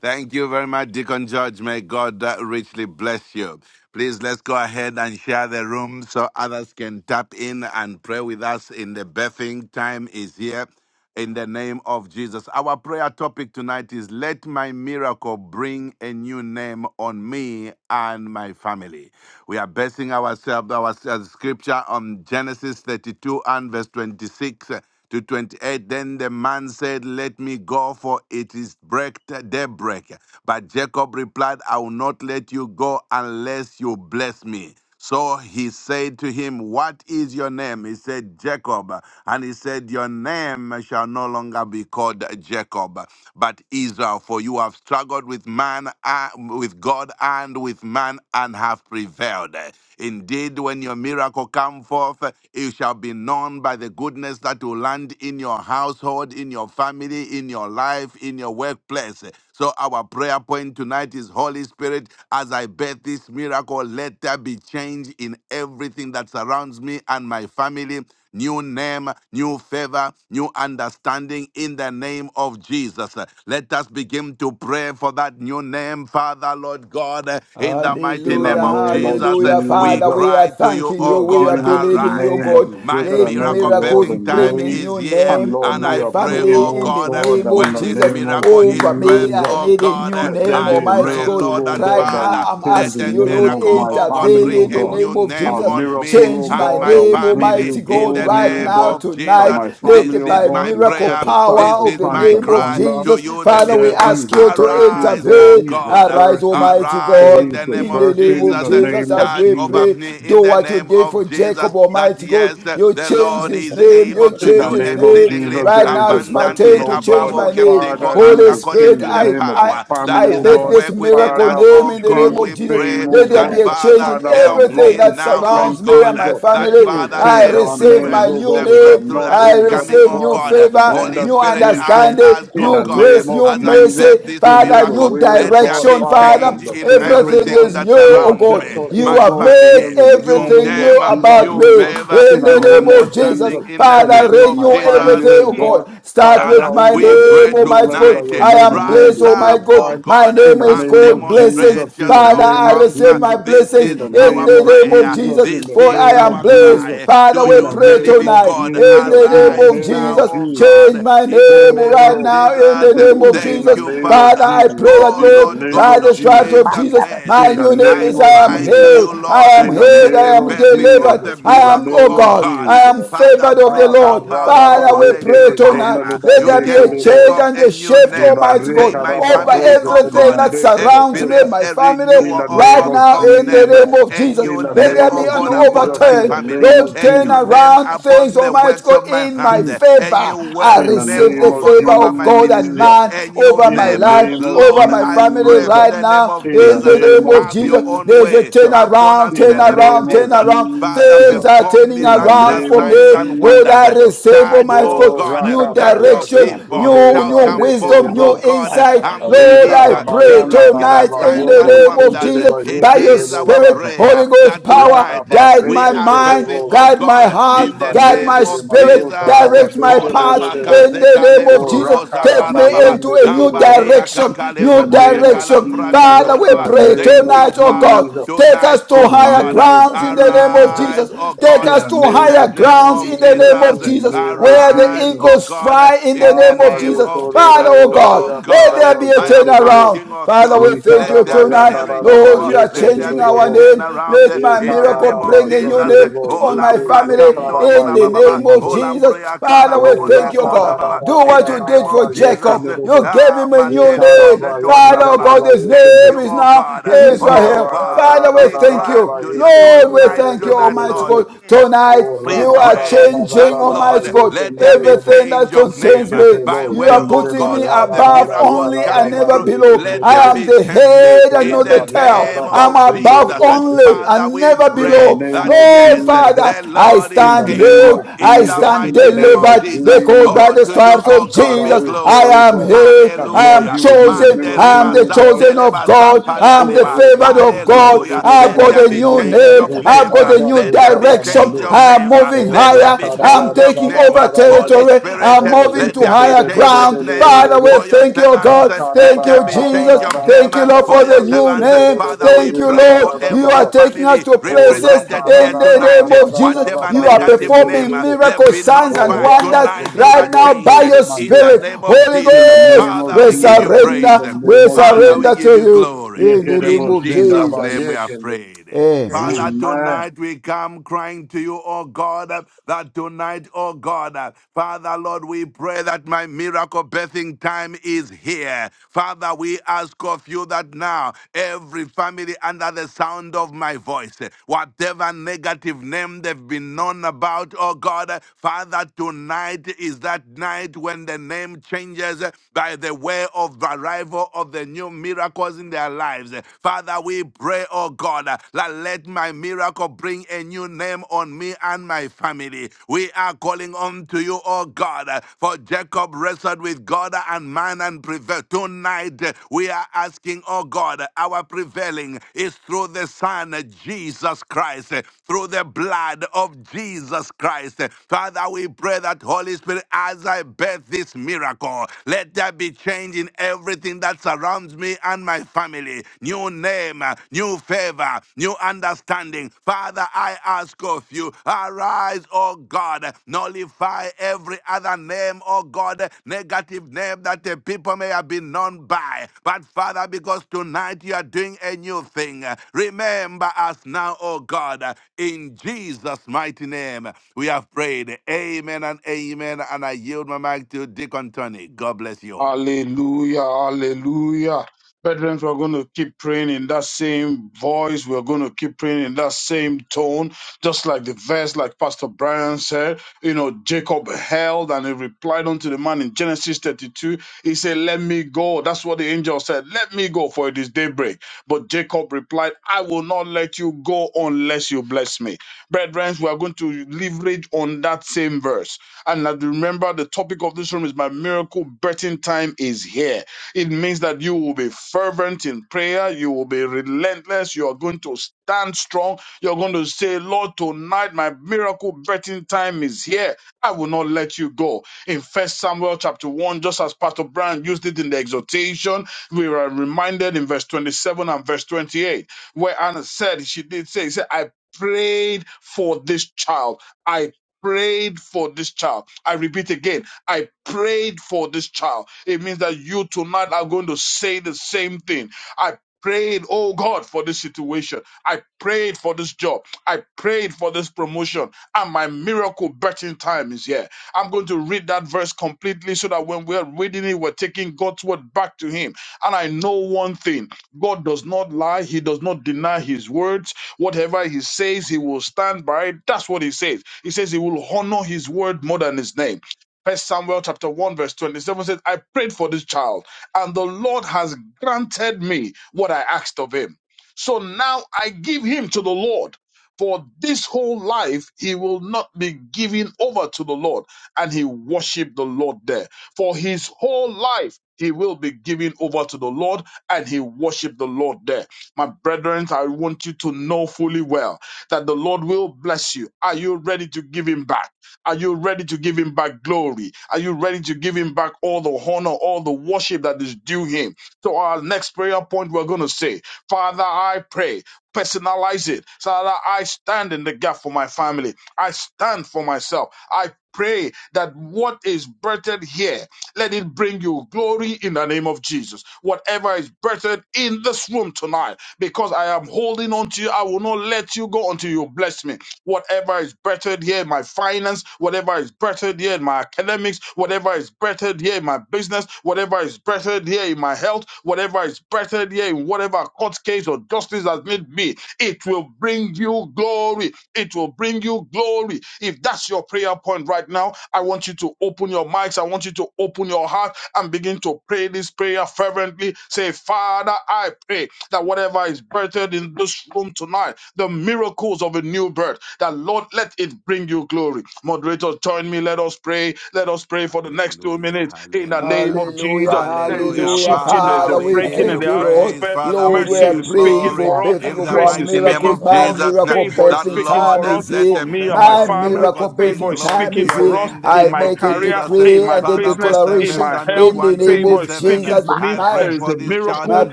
S2: Thank you very much, Deacon George. May God uh, richly bless you. Please let's go ahead and share the room so others can tap in and pray with us in the birthing time is here in the name of Jesus. Our prayer topic tonight is Let my miracle bring a new name on me and my family. We are basing ourselves, our uh, scripture on Genesis 32 and verse 26 uh, to 28. Then the man said, Let me go, for it is break, daybreak. But Jacob replied, I will not let you go unless you bless me. So he said to him, What is your name? He said, Jacob. And he said, Your name shall no longer be called Jacob, but Israel, for you have struggled with man, uh, with God and with man, and have prevailed. Indeed, when your miracle come forth, it shall be known by the goodness that will land in your household, in your family, in your life, in your workplace. So our prayer point tonight is Holy Spirit, as I birth this miracle, let there be change in everything that surrounds me and my family. New name, new favor, new understanding in the name of Jesus. Let us begin to pray for that new name, Father, Lord God, in the
S4: In
S2: mighty
S4: the
S2: name
S3: Hallelujah,
S2: of
S4: name of
S2: Jesus.
S3: hallelujah.
S2: We
S3: Father,
S4: Jesus.
S3: we are
S2: cry to you,
S3: thanking
S4: You
S2: oh
S3: you.
S4: have
S3: We are
S2: God,
S4: given us the
S3: believing
S2: arise.
S3: you,
S4: name that
S3: God.
S4: is
S2: My
S4: greater
S3: Let
S4: than
S2: miracle
S4: every
S3: miracles
S4: other
S2: birthing time
S3: bring a
S4: name.
S2: is
S3: new
S2: here,
S4: And
S3: name
S4: Lord,
S3: on
S2: and
S3: my
S4: we
S2: I
S4: are
S2: pray,
S4: praying,
S2: oh
S3: family in
S4: oh
S3: the
S2: God,
S4: God,
S3: name
S4: that
S3: of
S4: in
S2: when
S4: the
S2: this
S3: Jesus.
S2: miracle
S4: name of
S2: miracle is
S3: Over me,
S2: birthed,
S3: I
S4: Jesus.
S2: oh
S3: need a
S2: God.
S3: new
S4: Let there
S3: name,
S4: be
S2: I
S4: a
S3: Almighty
S2: pray,
S4: miracle,
S3: God.
S2: Lord
S4: O
S2: and
S3: Right
S4: God, that
S3: now,
S4: will
S2: Father,
S3: I'm
S4: change
S2: let
S4: the
S3: asking
S2: that
S3: you,
S4: name
S3: Lord,
S4: of
S2: miracle,
S4: my
S2: oh God,
S3: intervene
S4: family, O
S2: bring
S3: in
S2: a
S3: the
S4: God.
S2: new
S3: name of
S2: name
S4: A
S3: Jesus.
S2: on
S4: miracle,
S2: me
S3: Change
S4: O
S2: and
S3: my
S4: God,
S2: my
S4: that
S3: name,
S4: will bring
S2: family
S4: you
S3: Almighty
S2: in
S3: God,
S2: the
S4: glory,
S3: right
S4: O
S2: name
S3: now,
S4: God.
S2: of
S4: That
S3: tonight.
S2: Jesus.
S4: my
S3: Let the
S4: family,
S2: This
S4: O
S3: by
S2: is my
S4: God, is
S3: miracle
S4: set
S2: prayer.
S4: aside
S2: This
S3: power
S4: for
S3: of
S2: is
S3: the
S4: signs
S2: my
S4: of
S3: name of
S2: cry
S4: wonder.
S2: to
S3: Jesus.
S2: you, the
S4: That
S3: Father, we
S4: there
S2: living God.
S3: ask
S4: is
S3: ask
S4: a
S3: you to
S4: birthing,
S2: Arise,
S4: there
S2: oh
S3: intervene.
S4: is a
S2: God.
S3: Arise,
S4: birthing,
S3: Almighty
S2: Arise
S4: there
S2: in
S3: God,
S4: is
S2: the
S4: a
S2: name
S3: in
S2: of
S3: the name
S4: birthing in
S3: of
S2: Jesus.
S4: the
S3: Jesus,
S4: name of
S3: as
S2: Charge
S3: we
S4: Jesus.
S2: over
S3: pray.
S2: me in
S3: Do
S2: the
S3: what you
S2: name
S3: did for
S2: of
S3: Jacob,
S2: Jesus. That
S3: Almighty God.
S2: yes,
S3: You
S2: the
S3: changed
S2: Lord
S3: his
S2: is
S3: name.
S2: able
S3: You
S2: to
S4: In the
S3: changed
S2: do
S3: his
S4: name of
S3: name.
S2: exceedingly
S4: Jesus,
S3: Right
S4: there is
S3: now,
S4: a
S3: it's my
S4: birthing,
S2: abundantly
S3: turn
S2: above
S3: to
S4: oh
S3: change
S2: above
S4: God,
S2: all
S4: that
S3: my
S2: we can
S3: name.
S2: think or
S4: Father, you
S2: ask
S3: Holy
S4: will
S2: according
S3: Spirit,
S4: change
S2: to
S4: the
S2: the
S3: I,
S4: name of my
S3: I,
S2: power
S4: family,
S2: that
S3: I
S4: oh
S2: is at
S3: bet
S4: God.
S3: this
S2: work within
S3: miracle
S2: us.
S4: Father,
S3: name
S4: from
S2: Oh
S3: in the name
S4: shame
S2: God,
S4: to
S3: of
S2: we
S3: Jesus.
S4: fame,
S2: pray
S4: oh
S3: Let there
S2: that
S4: God.
S3: be a change
S2: Father,
S3: in
S4: Father, from
S2: help
S3: everything
S2: me
S4: losses
S3: that
S4: to
S2: now, oh
S3: surrounds me
S4: plenty,
S2: God,
S3: and
S4: oh
S2: uh,
S3: my
S4: God.
S2: that
S3: family.
S4: You will
S2: Father,
S3: I
S4: change our
S2: every
S3: receive
S4: names,
S2: breath,
S3: my
S4: oh
S3: new
S4: God,
S2: the
S4: which are
S2: breakthrough
S3: name.
S4: not,
S2: that
S3: I
S2: is
S4: oh God,
S2: coming,
S4: the
S3: receive
S2: oh
S3: new
S4: boys, which
S2: God, uh,
S4: shall be
S3: favor,
S2: Holy
S4: lenders
S3: new
S4: to
S2: Spirit, I
S4: nations.
S3: understanding,
S2: ask,
S4: In
S2: oh
S4: the
S3: new
S2: God,
S4: name
S2: uh,
S3: grace,
S4: of
S3: new
S2: as I
S4: Jesus,
S2: bear
S3: mercy.
S2: this
S4: we move
S3: Father,
S2: miracle,
S3: new
S4: away, oh
S2: let there
S4: God,
S2: be
S3: direction,
S4: Father,
S3: Father.
S4: from
S2: change
S4: the
S2: in
S4: place, oh
S3: Everything
S4: God,
S2: everything
S3: is
S2: that
S3: new, oh
S4: where
S2: surrounds
S3: God.
S2: me,
S4: debtors,
S3: You
S4: oh
S2: my
S3: have
S4: God, to
S3: made
S4: where
S2: family,
S4: we
S2: new
S4: become, oh
S3: everything
S4: God,
S2: name,
S3: new
S2: uh,
S4: givers,
S3: about
S2: new
S3: me.
S4: oh God,
S2: favor,
S4: in
S3: In
S4: the
S3: the
S2: new
S4: name
S3: name
S4: of
S3: of Jesus,
S2: understanding
S4: Jesus
S2: in the
S3: Father,
S2: name
S4: elevate
S2: of
S4: my
S3: renew
S2: Jesus.
S4: family,
S2: Uh,
S3: everything,
S4: oh
S3: oh
S2: Mm.
S4: God.
S3: God. Start
S4: Father,
S3: with
S2: Father,
S3: my
S4: oh
S2: we
S4: God, to
S3: name,
S2: pray
S4: a new
S3: Almighty
S4: level
S3: God.
S4: that
S2: tonight,
S3: God.
S4: your
S2: eh,
S3: I
S4: name
S3: am
S4: alone
S3: blessed,
S2: rise
S4: be
S3: oh my
S2: up, oh
S3: God.
S4: glorified.
S3: My
S2: God, eh,
S4: In
S3: name
S4: the
S3: is
S2: and
S4: name
S3: called
S4: of
S3: blessings.
S4: Jesus,
S2: demonstrate
S4: in the
S3: Father,
S2: yourself
S4: name
S3: I
S4: of
S2: strong.
S3: receive
S2: eh.
S3: my
S4: Jesus,
S2: This
S3: blessings
S4: in
S2: is
S4: the
S3: in
S2: our
S4: name
S3: the
S4: of
S3: name of
S2: prayer.
S4: Jesus,
S3: Jesus,
S4: in
S2: This
S4: the
S3: for
S2: is
S3: I
S4: name of
S3: am
S2: our
S3: blessed.
S2: cry
S4: Jesus,
S2: eh,
S3: Father,
S2: to
S4: in
S3: we
S4: the
S2: you,
S3: pray
S2: the
S4: name of
S2: living
S3: tonight
S2: God.
S3: in the
S4: Jesus, in the
S3: name
S2: Arise
S3: of
S4: name
S2: now,
S4: of
S3: Jesus.
S2: oh
S4: Jesus.
S3: Change
S2: God,
S3: my
S2: in the
S3: name
S2: name
S3: right
S2: of
S4: Oh,
S3: now in
S2: Jesus.
S3: the
S4: in
S3: name of
S2: Thank
S4: the
S3: Jesus.
S2: you,
S4: name of
S3: Father,
S2: Father.
S3: I pray
S4: Jesus,
S3: that,
S2: Oh
S4: in the
S2: Lord
S3: Lord,
S4: name
S3: by
S2: God
S4: of
S3: the
S2: of
S3: stripes of
S2: grace
S5: My
S4: Jesus,
S2: and
S3: Jesus,
S5: God,
S3: my
S4: in
S2: mercy,
S4: the
S3: new name
S2: I
S4: name
S3: is
S4: of
S5: Thank
S3: I am
S2: cry to
S4: Jesus.
S3: healed.
S2: you,
S3: I
S2: Lord, uh,
S3: am
S4: In the
S3: healed.
S2: let
S3: I
S4: name
S2: the
S3: am
S4: of
S2: birthing of
S3: delivered.
S4: Jesus,
S2: the
S3: I
S4: in the
S3: am,
S2: miracle,
S3: oh
S4: name
S2: oh
S4: of
S3: God,
S2: God,
S3: I
S2: uh,
S4: Jesus,
S3: am
S2: Father,
S3: favored of the
S4: Ah,
S2: bring
S3: Lord.
S2: about,
S4: barada
S2: oh
S4: ba
S3: Father,
S2: God,
S3: we
S2: a
S3: pray
S4: ke
S2: new
S3: tonight.
S2: name.
S4: zonele
S2: Uh,
S4: ba
S3: Let there
S2: You
S4: leke
S3: there be a
S2: gave
S4: le bos.
S3: change
S2: Jacob
S3: and
S2: a
S3: a
S2: new
S3: shift,
S4: Ni
S2: name. Uh,
S3: Almighty
S2: May
S3: God,
S2: my
S4: raba
S3: over
S2: family,
S4: doze
S2: oh
S4: ke le
S3: everything
S2: God, uh,
S3: that
S4: mandeke ba
S3: surrounds me,
S2: experience
S3: my
S2: a
S3: family,
S4: In
S2: renewal,
S4: the
S2: oh
S4: name
S3: right
S4: of
S2: God,
S3: now
S2: of
S3: in the
S2: name. Uh,
S4: Jesus.
S3: name of
S2: A
S3: Jesus.
S4: In
S2: new
S4: the
S3: Let
S2: name,
S3: there
S4: name
S2: oh
S3: be
S4: of
S3: an
S2: God, upon
S4: Jesus.
S2: my
S4: In
S3: overturn.
S4: the
S2: family.
S4: name of
S3: Lord,
S2: A
S3: turn
S2: new
S4: Jesus.
S2: name
S3: around
S2: upon
S3: things,
S2: the
S3: Almighty
S2: works of
S3: God,
S2: my
S3: in my
S2: hand.
S4: Mm.
S3: favor.
S2: A new
S3: I
S2: work
S4: In the
S2: name name,
S3: receive
S4: name
S2: oh
S3: the
S4: of
S2: God,
S3: favor
S2: over
S3: of
S2: my
S3: God and
S2: ministry.
S4: Jesus.
S3: man
S2: A new
S3: over
S4: In
S3: my
S4: the
S2: name. uh,
S3: life,
S4: name of
S3: over
S2: Lord,
S3: my
S2: I
S3: family
S2: pray in
S4: Jesus.
S3: right
S2: the name
S3: now.
S2: of
S4: In the
S3: In the
S2: Jesus. uh,
S4: name
S3: name
S4: of
S3: of
S2: Have your
S3: Jesus,
S2: own
S4: Jesus.
S3: there's a
S2: way upon
S3: turnaround,
S2: us in
S4: In
S2: the
S4: the
S2: name of
S4: name
S3: turnaround,
S4: of
S2: Jesus.
S3: turnaround.
S2: Father,
S3: Things
S4: Jesus.
S3: are
S2: perform
S3: turning
S4: In the
S3: around
S2: miraculous
S4: name
S3: for
S4: of
S2: signs
S3: me.
S2: and
S3: Lord,
S2: wonders.
S3: I
S2: uh,
S4: Jesus.
S3: receive, oh
S2: Charge,
S3: my
S2: oh
S3: God,
S4: Oh,
S2: God, uh,
S3: new
S2: that your
S4: Rakabayado
S3: direction,
S2: people
S4: Zundele
S3: new,
S2: shall
S4: ba
S3: new
S2: come
S4: leke
S2: forth,
S4: le
S3: wisdom,
S2: oh
S4: bos.
S3: new
S2: God, uh,
S3: insight.
S2: and
S3: Lord, I
S2: deliver
S3: pray
S4: Rikarabayanda
S2: miraculous
S3: tonight in
S2: signs
S3: the
S2: and
S4: Rarabayobo
S3: name of
S2: wonders. Uh,
S3: Jesus,
S4: Zundeleba
S2: It
S3: by your
S2: is
S4: Yekelebo
S2: our
S3: spirit,
S4: Zata
S2: prayer
S3: Holy
S2: that
S3: Ghost
S2: that
S3: power,
S2: tonight uh,
S4: Radaba
S3: guide
S2: we
S3: my
S2: are
S3: mind,
S2: birthing,
S4: Reketelebo
S2: oh
S3: guide my
S2: God,
S3: heart,
S2: in
S4: Liba
S2: the
S3: guide my
S2: name
S3: my
S4: Lekele
S2: of
S3: spirit,
S4: Mandoza
S2: Jesus.
S3: direct my
S2: Oh,
S3: path
S2: labaka
S4: Rabadekelebo
S3: in
S2: se
S3: the name
S4: O
S3: of
S2: kalembro
S3: Jesus.
S2: kosa
S3: Take me
S2: karababa.
S3: into a new
S4: Rakarabayendelebo
S2: Nambalia
S3: direction,
S2: kakale
S4: In the
S3: new
S2: bobo se
S4: name of
S3: direction.
S2: kalambra
S3: Father,
S2: kator
S4: Jesus,
S3: we
S4: in
S2: baba.
S4: the
S3: pray
S4: name
S2: Thank
S4: of
S2: you,
S3: tonight, oh
S2: Father.
S3: God.
S4: Jesus,
S3: Take
S2: Tonight,
S3: us to
S4: in
S2: oh
S4: the
S3: higher
S2: God,
S4: name of
S3: grounds in the name of
S4: Jesus,
S3: Jesus.
S2: arise, oh
S3: Take
S4: in
S2: God,
S3: us
S4: the
S3: to
S2: in
S4: name
S2: the
S3: higher
S4: of
S2: name
S3: grounds
S2: of
S3: in the
S4: Jesus,
S3: name of
S2: Jesus.
S4: in the
S3: Jesus,
S4: name of
S3: where the
S2: Arise,
S4: Jesus.
S2: oh
S3: eagles
S2: God,
S3: fly in the
S2: in the
S3: name of
S2: name
S4: Abale
S3: Jesus.
S2: of
S3: Father,
S2: Jesus.
S3: oh
S4: Tororo
S3: God,
S2: Oh
S3: let
S2: God,
S3: there
S2: uh,
S4: Bayakadaba
S3: be a
S2: I am
S4: Zendelebo
S3: turnaround.
S2: asking of
S3: Father,
S2: you,
S3: we thank
S2: let
S3: you
S2: there be
S3: tonight.
S2: a
S4: Ikarabayandaraba
S3: Lord,
S2: renewal,
S3: you are
S2: let there
S3: changing
S2: be
S3: our bring
S2: a
S3: our
S4: yekenderebo.
S3: name.
S2: turnaround
S3: Let
S2: uh,
S3: my
S2: in the
S3: miracle
S2: name of
S4: Ikararaba
S3: bring a new
S2: Jesus. Uh,
S3: name
S4: zenderebo.
S3: to,
S2: Oh
S3: on my
S4: Lubre
S2: Lambra
S3: family
S4: zokaraba
S2: Kamdori
S3: in the
S2: Baba Baba,
S3: name of
S2: Oh
S4: yekemandosa.
S3: Jesus.
S2: Lambria Kala
S3: Father, we
S4: O
S2: Bobo
S3: thank you,
S2: Sekon Baba,
S3: God.
S2: Baba.
S3: Do
S2: in
S3: what
S2: the
S3: you
S2: name
S3: did for
S4: lakararararararaba
S2: of
S3: Jacob.
S2: Jesus. Uh,
S4: yekenderebo.
S3: You gave
S2: Ah,
S3: him a new
S2: Mandele
S3: name.
S4: Ikaraba
S2: Bosetori
S3: Father,
S2: Baba.
S3: oh
S2: Baba.
S3: God,
S4: yandaraba
S3: his
S2: Thank
S4: yekende.
S3: name
S2: you,
S3: is
S2: oh
S3: now
S2: God. Oh
S3: Israel.
S2: Father,
S3: Father, we
S2: we
S3: thank
S2: cry
S4: Yabararararararaba
S3: you.
S2: to you
S3: Lord, we
S2: tonight,
S3: thank you,
S2: tonight,
S3: Almighty
S4: yekenderebo.
S2: Lord.
S3: God. Tonight,
S4: O
S2: We
S3: you are
S2: pray that,
S3: changing,
S4: rakarararararaba
S2: Lord,
S3: Almighty God
S2: let there be
S4: yekenderebo.
S3: Everything that
S2: change of
S3: concerns
S2: name uh,
S3: me,
S2: by
S4: Yeketebo
S3: you
S2: way,
S3: are
S2: oh
S3: putting
S4: zindereba
S3: me
S2: God, of the
S3: above
S4: yararaba
S2: miracles
S3: only and
S2: coming
S4: yararaba
S3: never
S2: through.
S3: below.
S2: Let
S3: I
S2: there
S4: yekenderebo.
S3: am
S2: be
S3: the
S2: change uh,
S4: In
S3: head and
S2: in
S3: not the
S2: the
S3: tail.
S4: the
S2: name
S3: I'm
S2: of
S3: above
S2: Jesus. Uh,
S3: only
S2: Father,
S3: and
S2: we
S3: never
S2: pray
S3: below.
S4: name
S2: that,
S4: of
S3: Lord
S2: yes, uh,
S4: Jesus,
S3: Father,
S2: the
S3: I
S2: Lord
S4: in
S2: is
S3: stand
S4: the name
S2: able
S3: healed.
S4: of
S3: I
S2: in the
S4: Jesus,
S3: stand
S4: in the
S2: mighty name
S4: name
S2: of
S4: of
S3: delivered
S2: Jesus.
S3: because
S4: Jesus.
S3: by
S2: Oh,
S3: the
S2: to you,
S3: stripes
S4: Our
S2: oh
S3: of
S2: God,
S4: Father,
S2: be
S3: Jesus,
S4: we pray,
S3: I
S4: oh
S2: glory.
S3: am
S4: God,
S3: healed.
S4: that
S3: I
S4: Lord,
S3: am
S2: Hallelujah.
S4: you will do a
S3: chosen.
S2: Mande
S4: miracle,
S3: I am
S2: riba
S3: the
S4: oh God.
S3: chosen of
S2: sateleba
S3: God.
S5: you.
S3: I am the
S4: Oh,
S2: sampariandeba.
S4: let the
S3: favored
S4: voice
S3: of
S4: into
S3: God.
S4: the
S2: Hallelujah.
S4: the
S3: I've
S2: Let
S3: got
S4: voice
S2: there
S3: a
S5: Makara
S2: be
S4: into
S3: new
S4: the
S2: change
S4: bar,
S3: name.
S2: of
S4: let the
S3: I've
S2: name.
S3: got
S4: bar
S3: a
S4: rub
S3: new
S2: Let
S4: the
S2: there be
S3: direction
S2: change
S3: direction.
S4: Zatamande.
S2: of
S3: I am
S2: name.
S3: moving
S4: Oh,
S2: Let
S4: ra
S2: there
S3: higher.
S2: be
S4: da da
S3: I'm
S4: da
S2: change of
S4: da
S3: taking
S4: da
S2: name.
S3: over
S4: da da da da.
S2: Holy
S3: territory.
S2: Spirit,
S3: I'm
S4: Oh,
S3: moving
S4: let
S2: let
S3: to
S4: the
S2: there
S4: the
S2: be
S3: higher
S4: the the
S2: change of
S4: the
S3: ground.
S2: name
S4: the the
S3: Father, we
S4: the
S2: for your
S3: thank you,
S4: in the
S2: servants.
S3: God.
S2: Let
S3: Thank
S2: there
S3: you,
S2: be
S3: Jesus.
S2: change of name
S3: Thank you, Lord,
S2: for
S3: for
S2: your
S3: the new
S2: servants.
S3: name.
S2: Father, we
S3: Thank you,
S2: pray
S3: Lord.
S2: for
S3: You
S2: every
S3: are taking us
S2: family
S3: to places
S2: represented here
S3: in the
S2: tonight
S3: name of Jesus.
S2: whatever
S3: You are
S2: negative name
S3: performing
S2: uh, they've
S3: miracles,
S2: been
S3: signs,
S2: known
S3: and
S2: by.
S3: wonders
S2: Tonight is
S3: right
S2: that
S3: now by
S2: change uh,
S3: your
S2: in the
S3: Spirit.
S2: name of
S3: Holy
S2: Jesus.
S4: name
S3: Ghost,
S4: of
S2: Father,
S3: we
S2: we give you
S4: Jesus, in
S2: praise.
S4: the
S3: surrender.
S4: name
S3: We
S4: of
S2: Father, we
S4: Jesus.
S3: surrender to
S2: give you
S3: you
S2: glory.
S3: in the name
S2: In
S3: of
S2: Jesus' name we are
S3: Jesus.
S2: prayed. Father,
S3: Amen.
S4: Amen.
S2: tonight we come crying to you, oh God, that tonight, oh God, Father, Lord, we pray that my miracle birthing time is here. Father, we ask of you that that now every family under the sound of my voice, eh, whatever negative name they've been known about, oh God, eh, Father, tonight is that night when the name changes eh, by the way of the arrival of the new miracles in their lives. eh. Father, we pray, oh God, eh, that let my miracle bring a new name on me and my family. We are calling on to you, oh oh God. Uh, For Jacob wrestled with God and man and prevailed. Tonight, uh, we are asking, oh God, uh, our prevailing is through the Son, uh, Jesus Christ, uh, through the blood of Jesus Christ. Uh, Father, we pray that Holy Spirit, as I birth this miracle, let there be change in everything that surrounds me and my family. New name, uh, new favor, new understanding. Father, I ask of you, arise, O God, nullify every other name, O God, negative name that the people may have been known by. But Father, because tonight you are doing a new thing, remember us now, O God, in Jesus' mighty name. We have prayed. Amen and amen. And I yield my mic to Deacon Tony. God bless you all.
S4: Hallelujah, hallelujah. Brethren, we're going to keep praying in that same voice. We're going to keep praying in that same tone, just like the verse, like Pastor Brian said. You know, Jacob held and he replied unto the man in Genesis 32. He said, Let me go. That's what the angel said. Let me go, for it is daybreak. But Jacob replied, I will not let you go unless you bless me. Brethren, we are going to leverage on that same verse and that- remember, the topic of this room is my miracle birthing time is here. It means that you will be fervent in prayer, you will be relentless, you are going to stand strong, you're going to say, Lord, tonight my miracle birthing time is here. I will not let you go. In First Samuel chapter 1, just as Pastor Brian used it in the exhortation, we are reminded in verse 27 and verse 28, where Anna said, she did say, she said, I prayed for this child. I." prayed for this child. I repeat again, I prayed for this child. It means that you tonight are going to say the same thing. I prayed, oh God, for this situation. I prayed for this job. I prayed for this promotion. And my miracle betting time is here. I'm going to read that verse completely so that when we're reading it, we're taking God's word back to Him. And I know one thing God does not lie, He does not deny His words. Whatever he says, he will stand by. it. That's what he says. He says he will honor his word more than his name. First Samuel chapter 1, verse 27 says, I prayed for this child, and the Lord has granted me what I asked of him. So now I give him to the Lord. For this whole life, he will not be given over to the Lord. And he worshiped the Lord there. For his whole life, he will be given over to the Lord, and he worshiped the Lord there. My brethren, I want you to know fully well that the Lord will bless you. Are you ready to give him back? Are you ready to give him back glory? Are you ready to give him back all the honor, all the worship that is due him? So, our next prayer point, we're going to say, Father, I pray. Personalize it so that I stand in the gap for my family. I stand for myself. I pray that what is birthed here let it bring you glory in the name of Jesus. Whatever is birthed in this room tonight, because I am holding on to you, I will not let you go until you bless me whatever is bettered here in my finance, whatever is bettered here in my academics, whatever is bettered here in my business, whatever is bettered here in my health, whatever is bettered here in whatever court case or justice has made me, it will bring you glory. It will bring you glory. If that's your prayer point right now, I want you to open your mics. I want you to open your heart and begin begin to pray this prayer fervently. Say, Father, I pray that whatever is birthed in this room tonight, the miracles of a new birth, that Lord, let it bring you glory. Moderator, join me. Let us pray. Let us pray for the next two
S2: Hallelujah,
S4: minutes in the
S2: hallelujah,
S4: name of
S3: Hallelujah,
S4: Jesus. There is a
S2: Hallelujah.
S3: hallelujah.
S4: shifting, there's
S2: Father,
S4: a
S3: Father,
S2: we
S3: we
S2: give
S4: breaking in
S2: you
S3: thank
S4: the
S3: you, Lord.
S2: praise.
S4: atmosphere.
S2: Father, we
S3: Lord, we
S4: Mercy
S2: give
S3: are
S2: you
S4: is
S3: praying
S4: speaking
S3: for
S2: glory
S4: for us,
S3: birthing
S2: in
S3: of
S2: the
S3: our
S4: grace is
S2: mighty name
S4: speaking
S3: miracles.
S2: of
S4: for
S3: My
S4: us.
S2: Jesus.
S3: miracle
S4: Favor is
S2: That
S3: birthing
S4: speaking
S2: Lord,
S3: time
S4: for us,
S3: is
S2: that that
S3: here.
S4: for
S2: the
S4: me and my
S2: birthing
S3: My
S2: of
S4: family.
S3: miracle
S2: miracles bring
S4: Favor
S3: birthing
S4: is
S2: glory
S3: time
S2: to
S3: is
S4: speaking
S2: your
S4: for
S3: here.
S4: us
S2: name, the
S3: I
S4: in
S2: name
S4: my
S2: of
S3: make a
S4: career,
S2: Jesus. And
S4: in
S3: decree
S4: my
S3: and a
S2: Father, for
S4: business, in
S2: service
S3: declaration
S4: my
S2: Samuel
S4: health.
S3: in the name
S4: Favor
S3: of
S4: is
S2: 127,
S4: speaking
S2: eh,
S3: Jesus.
S4: for me.
S2: I
S3: My
S4: There
S2: prayed
S4: is
S2: for
S4: a
S2: this child
S3: my
S4: miracle
S2: and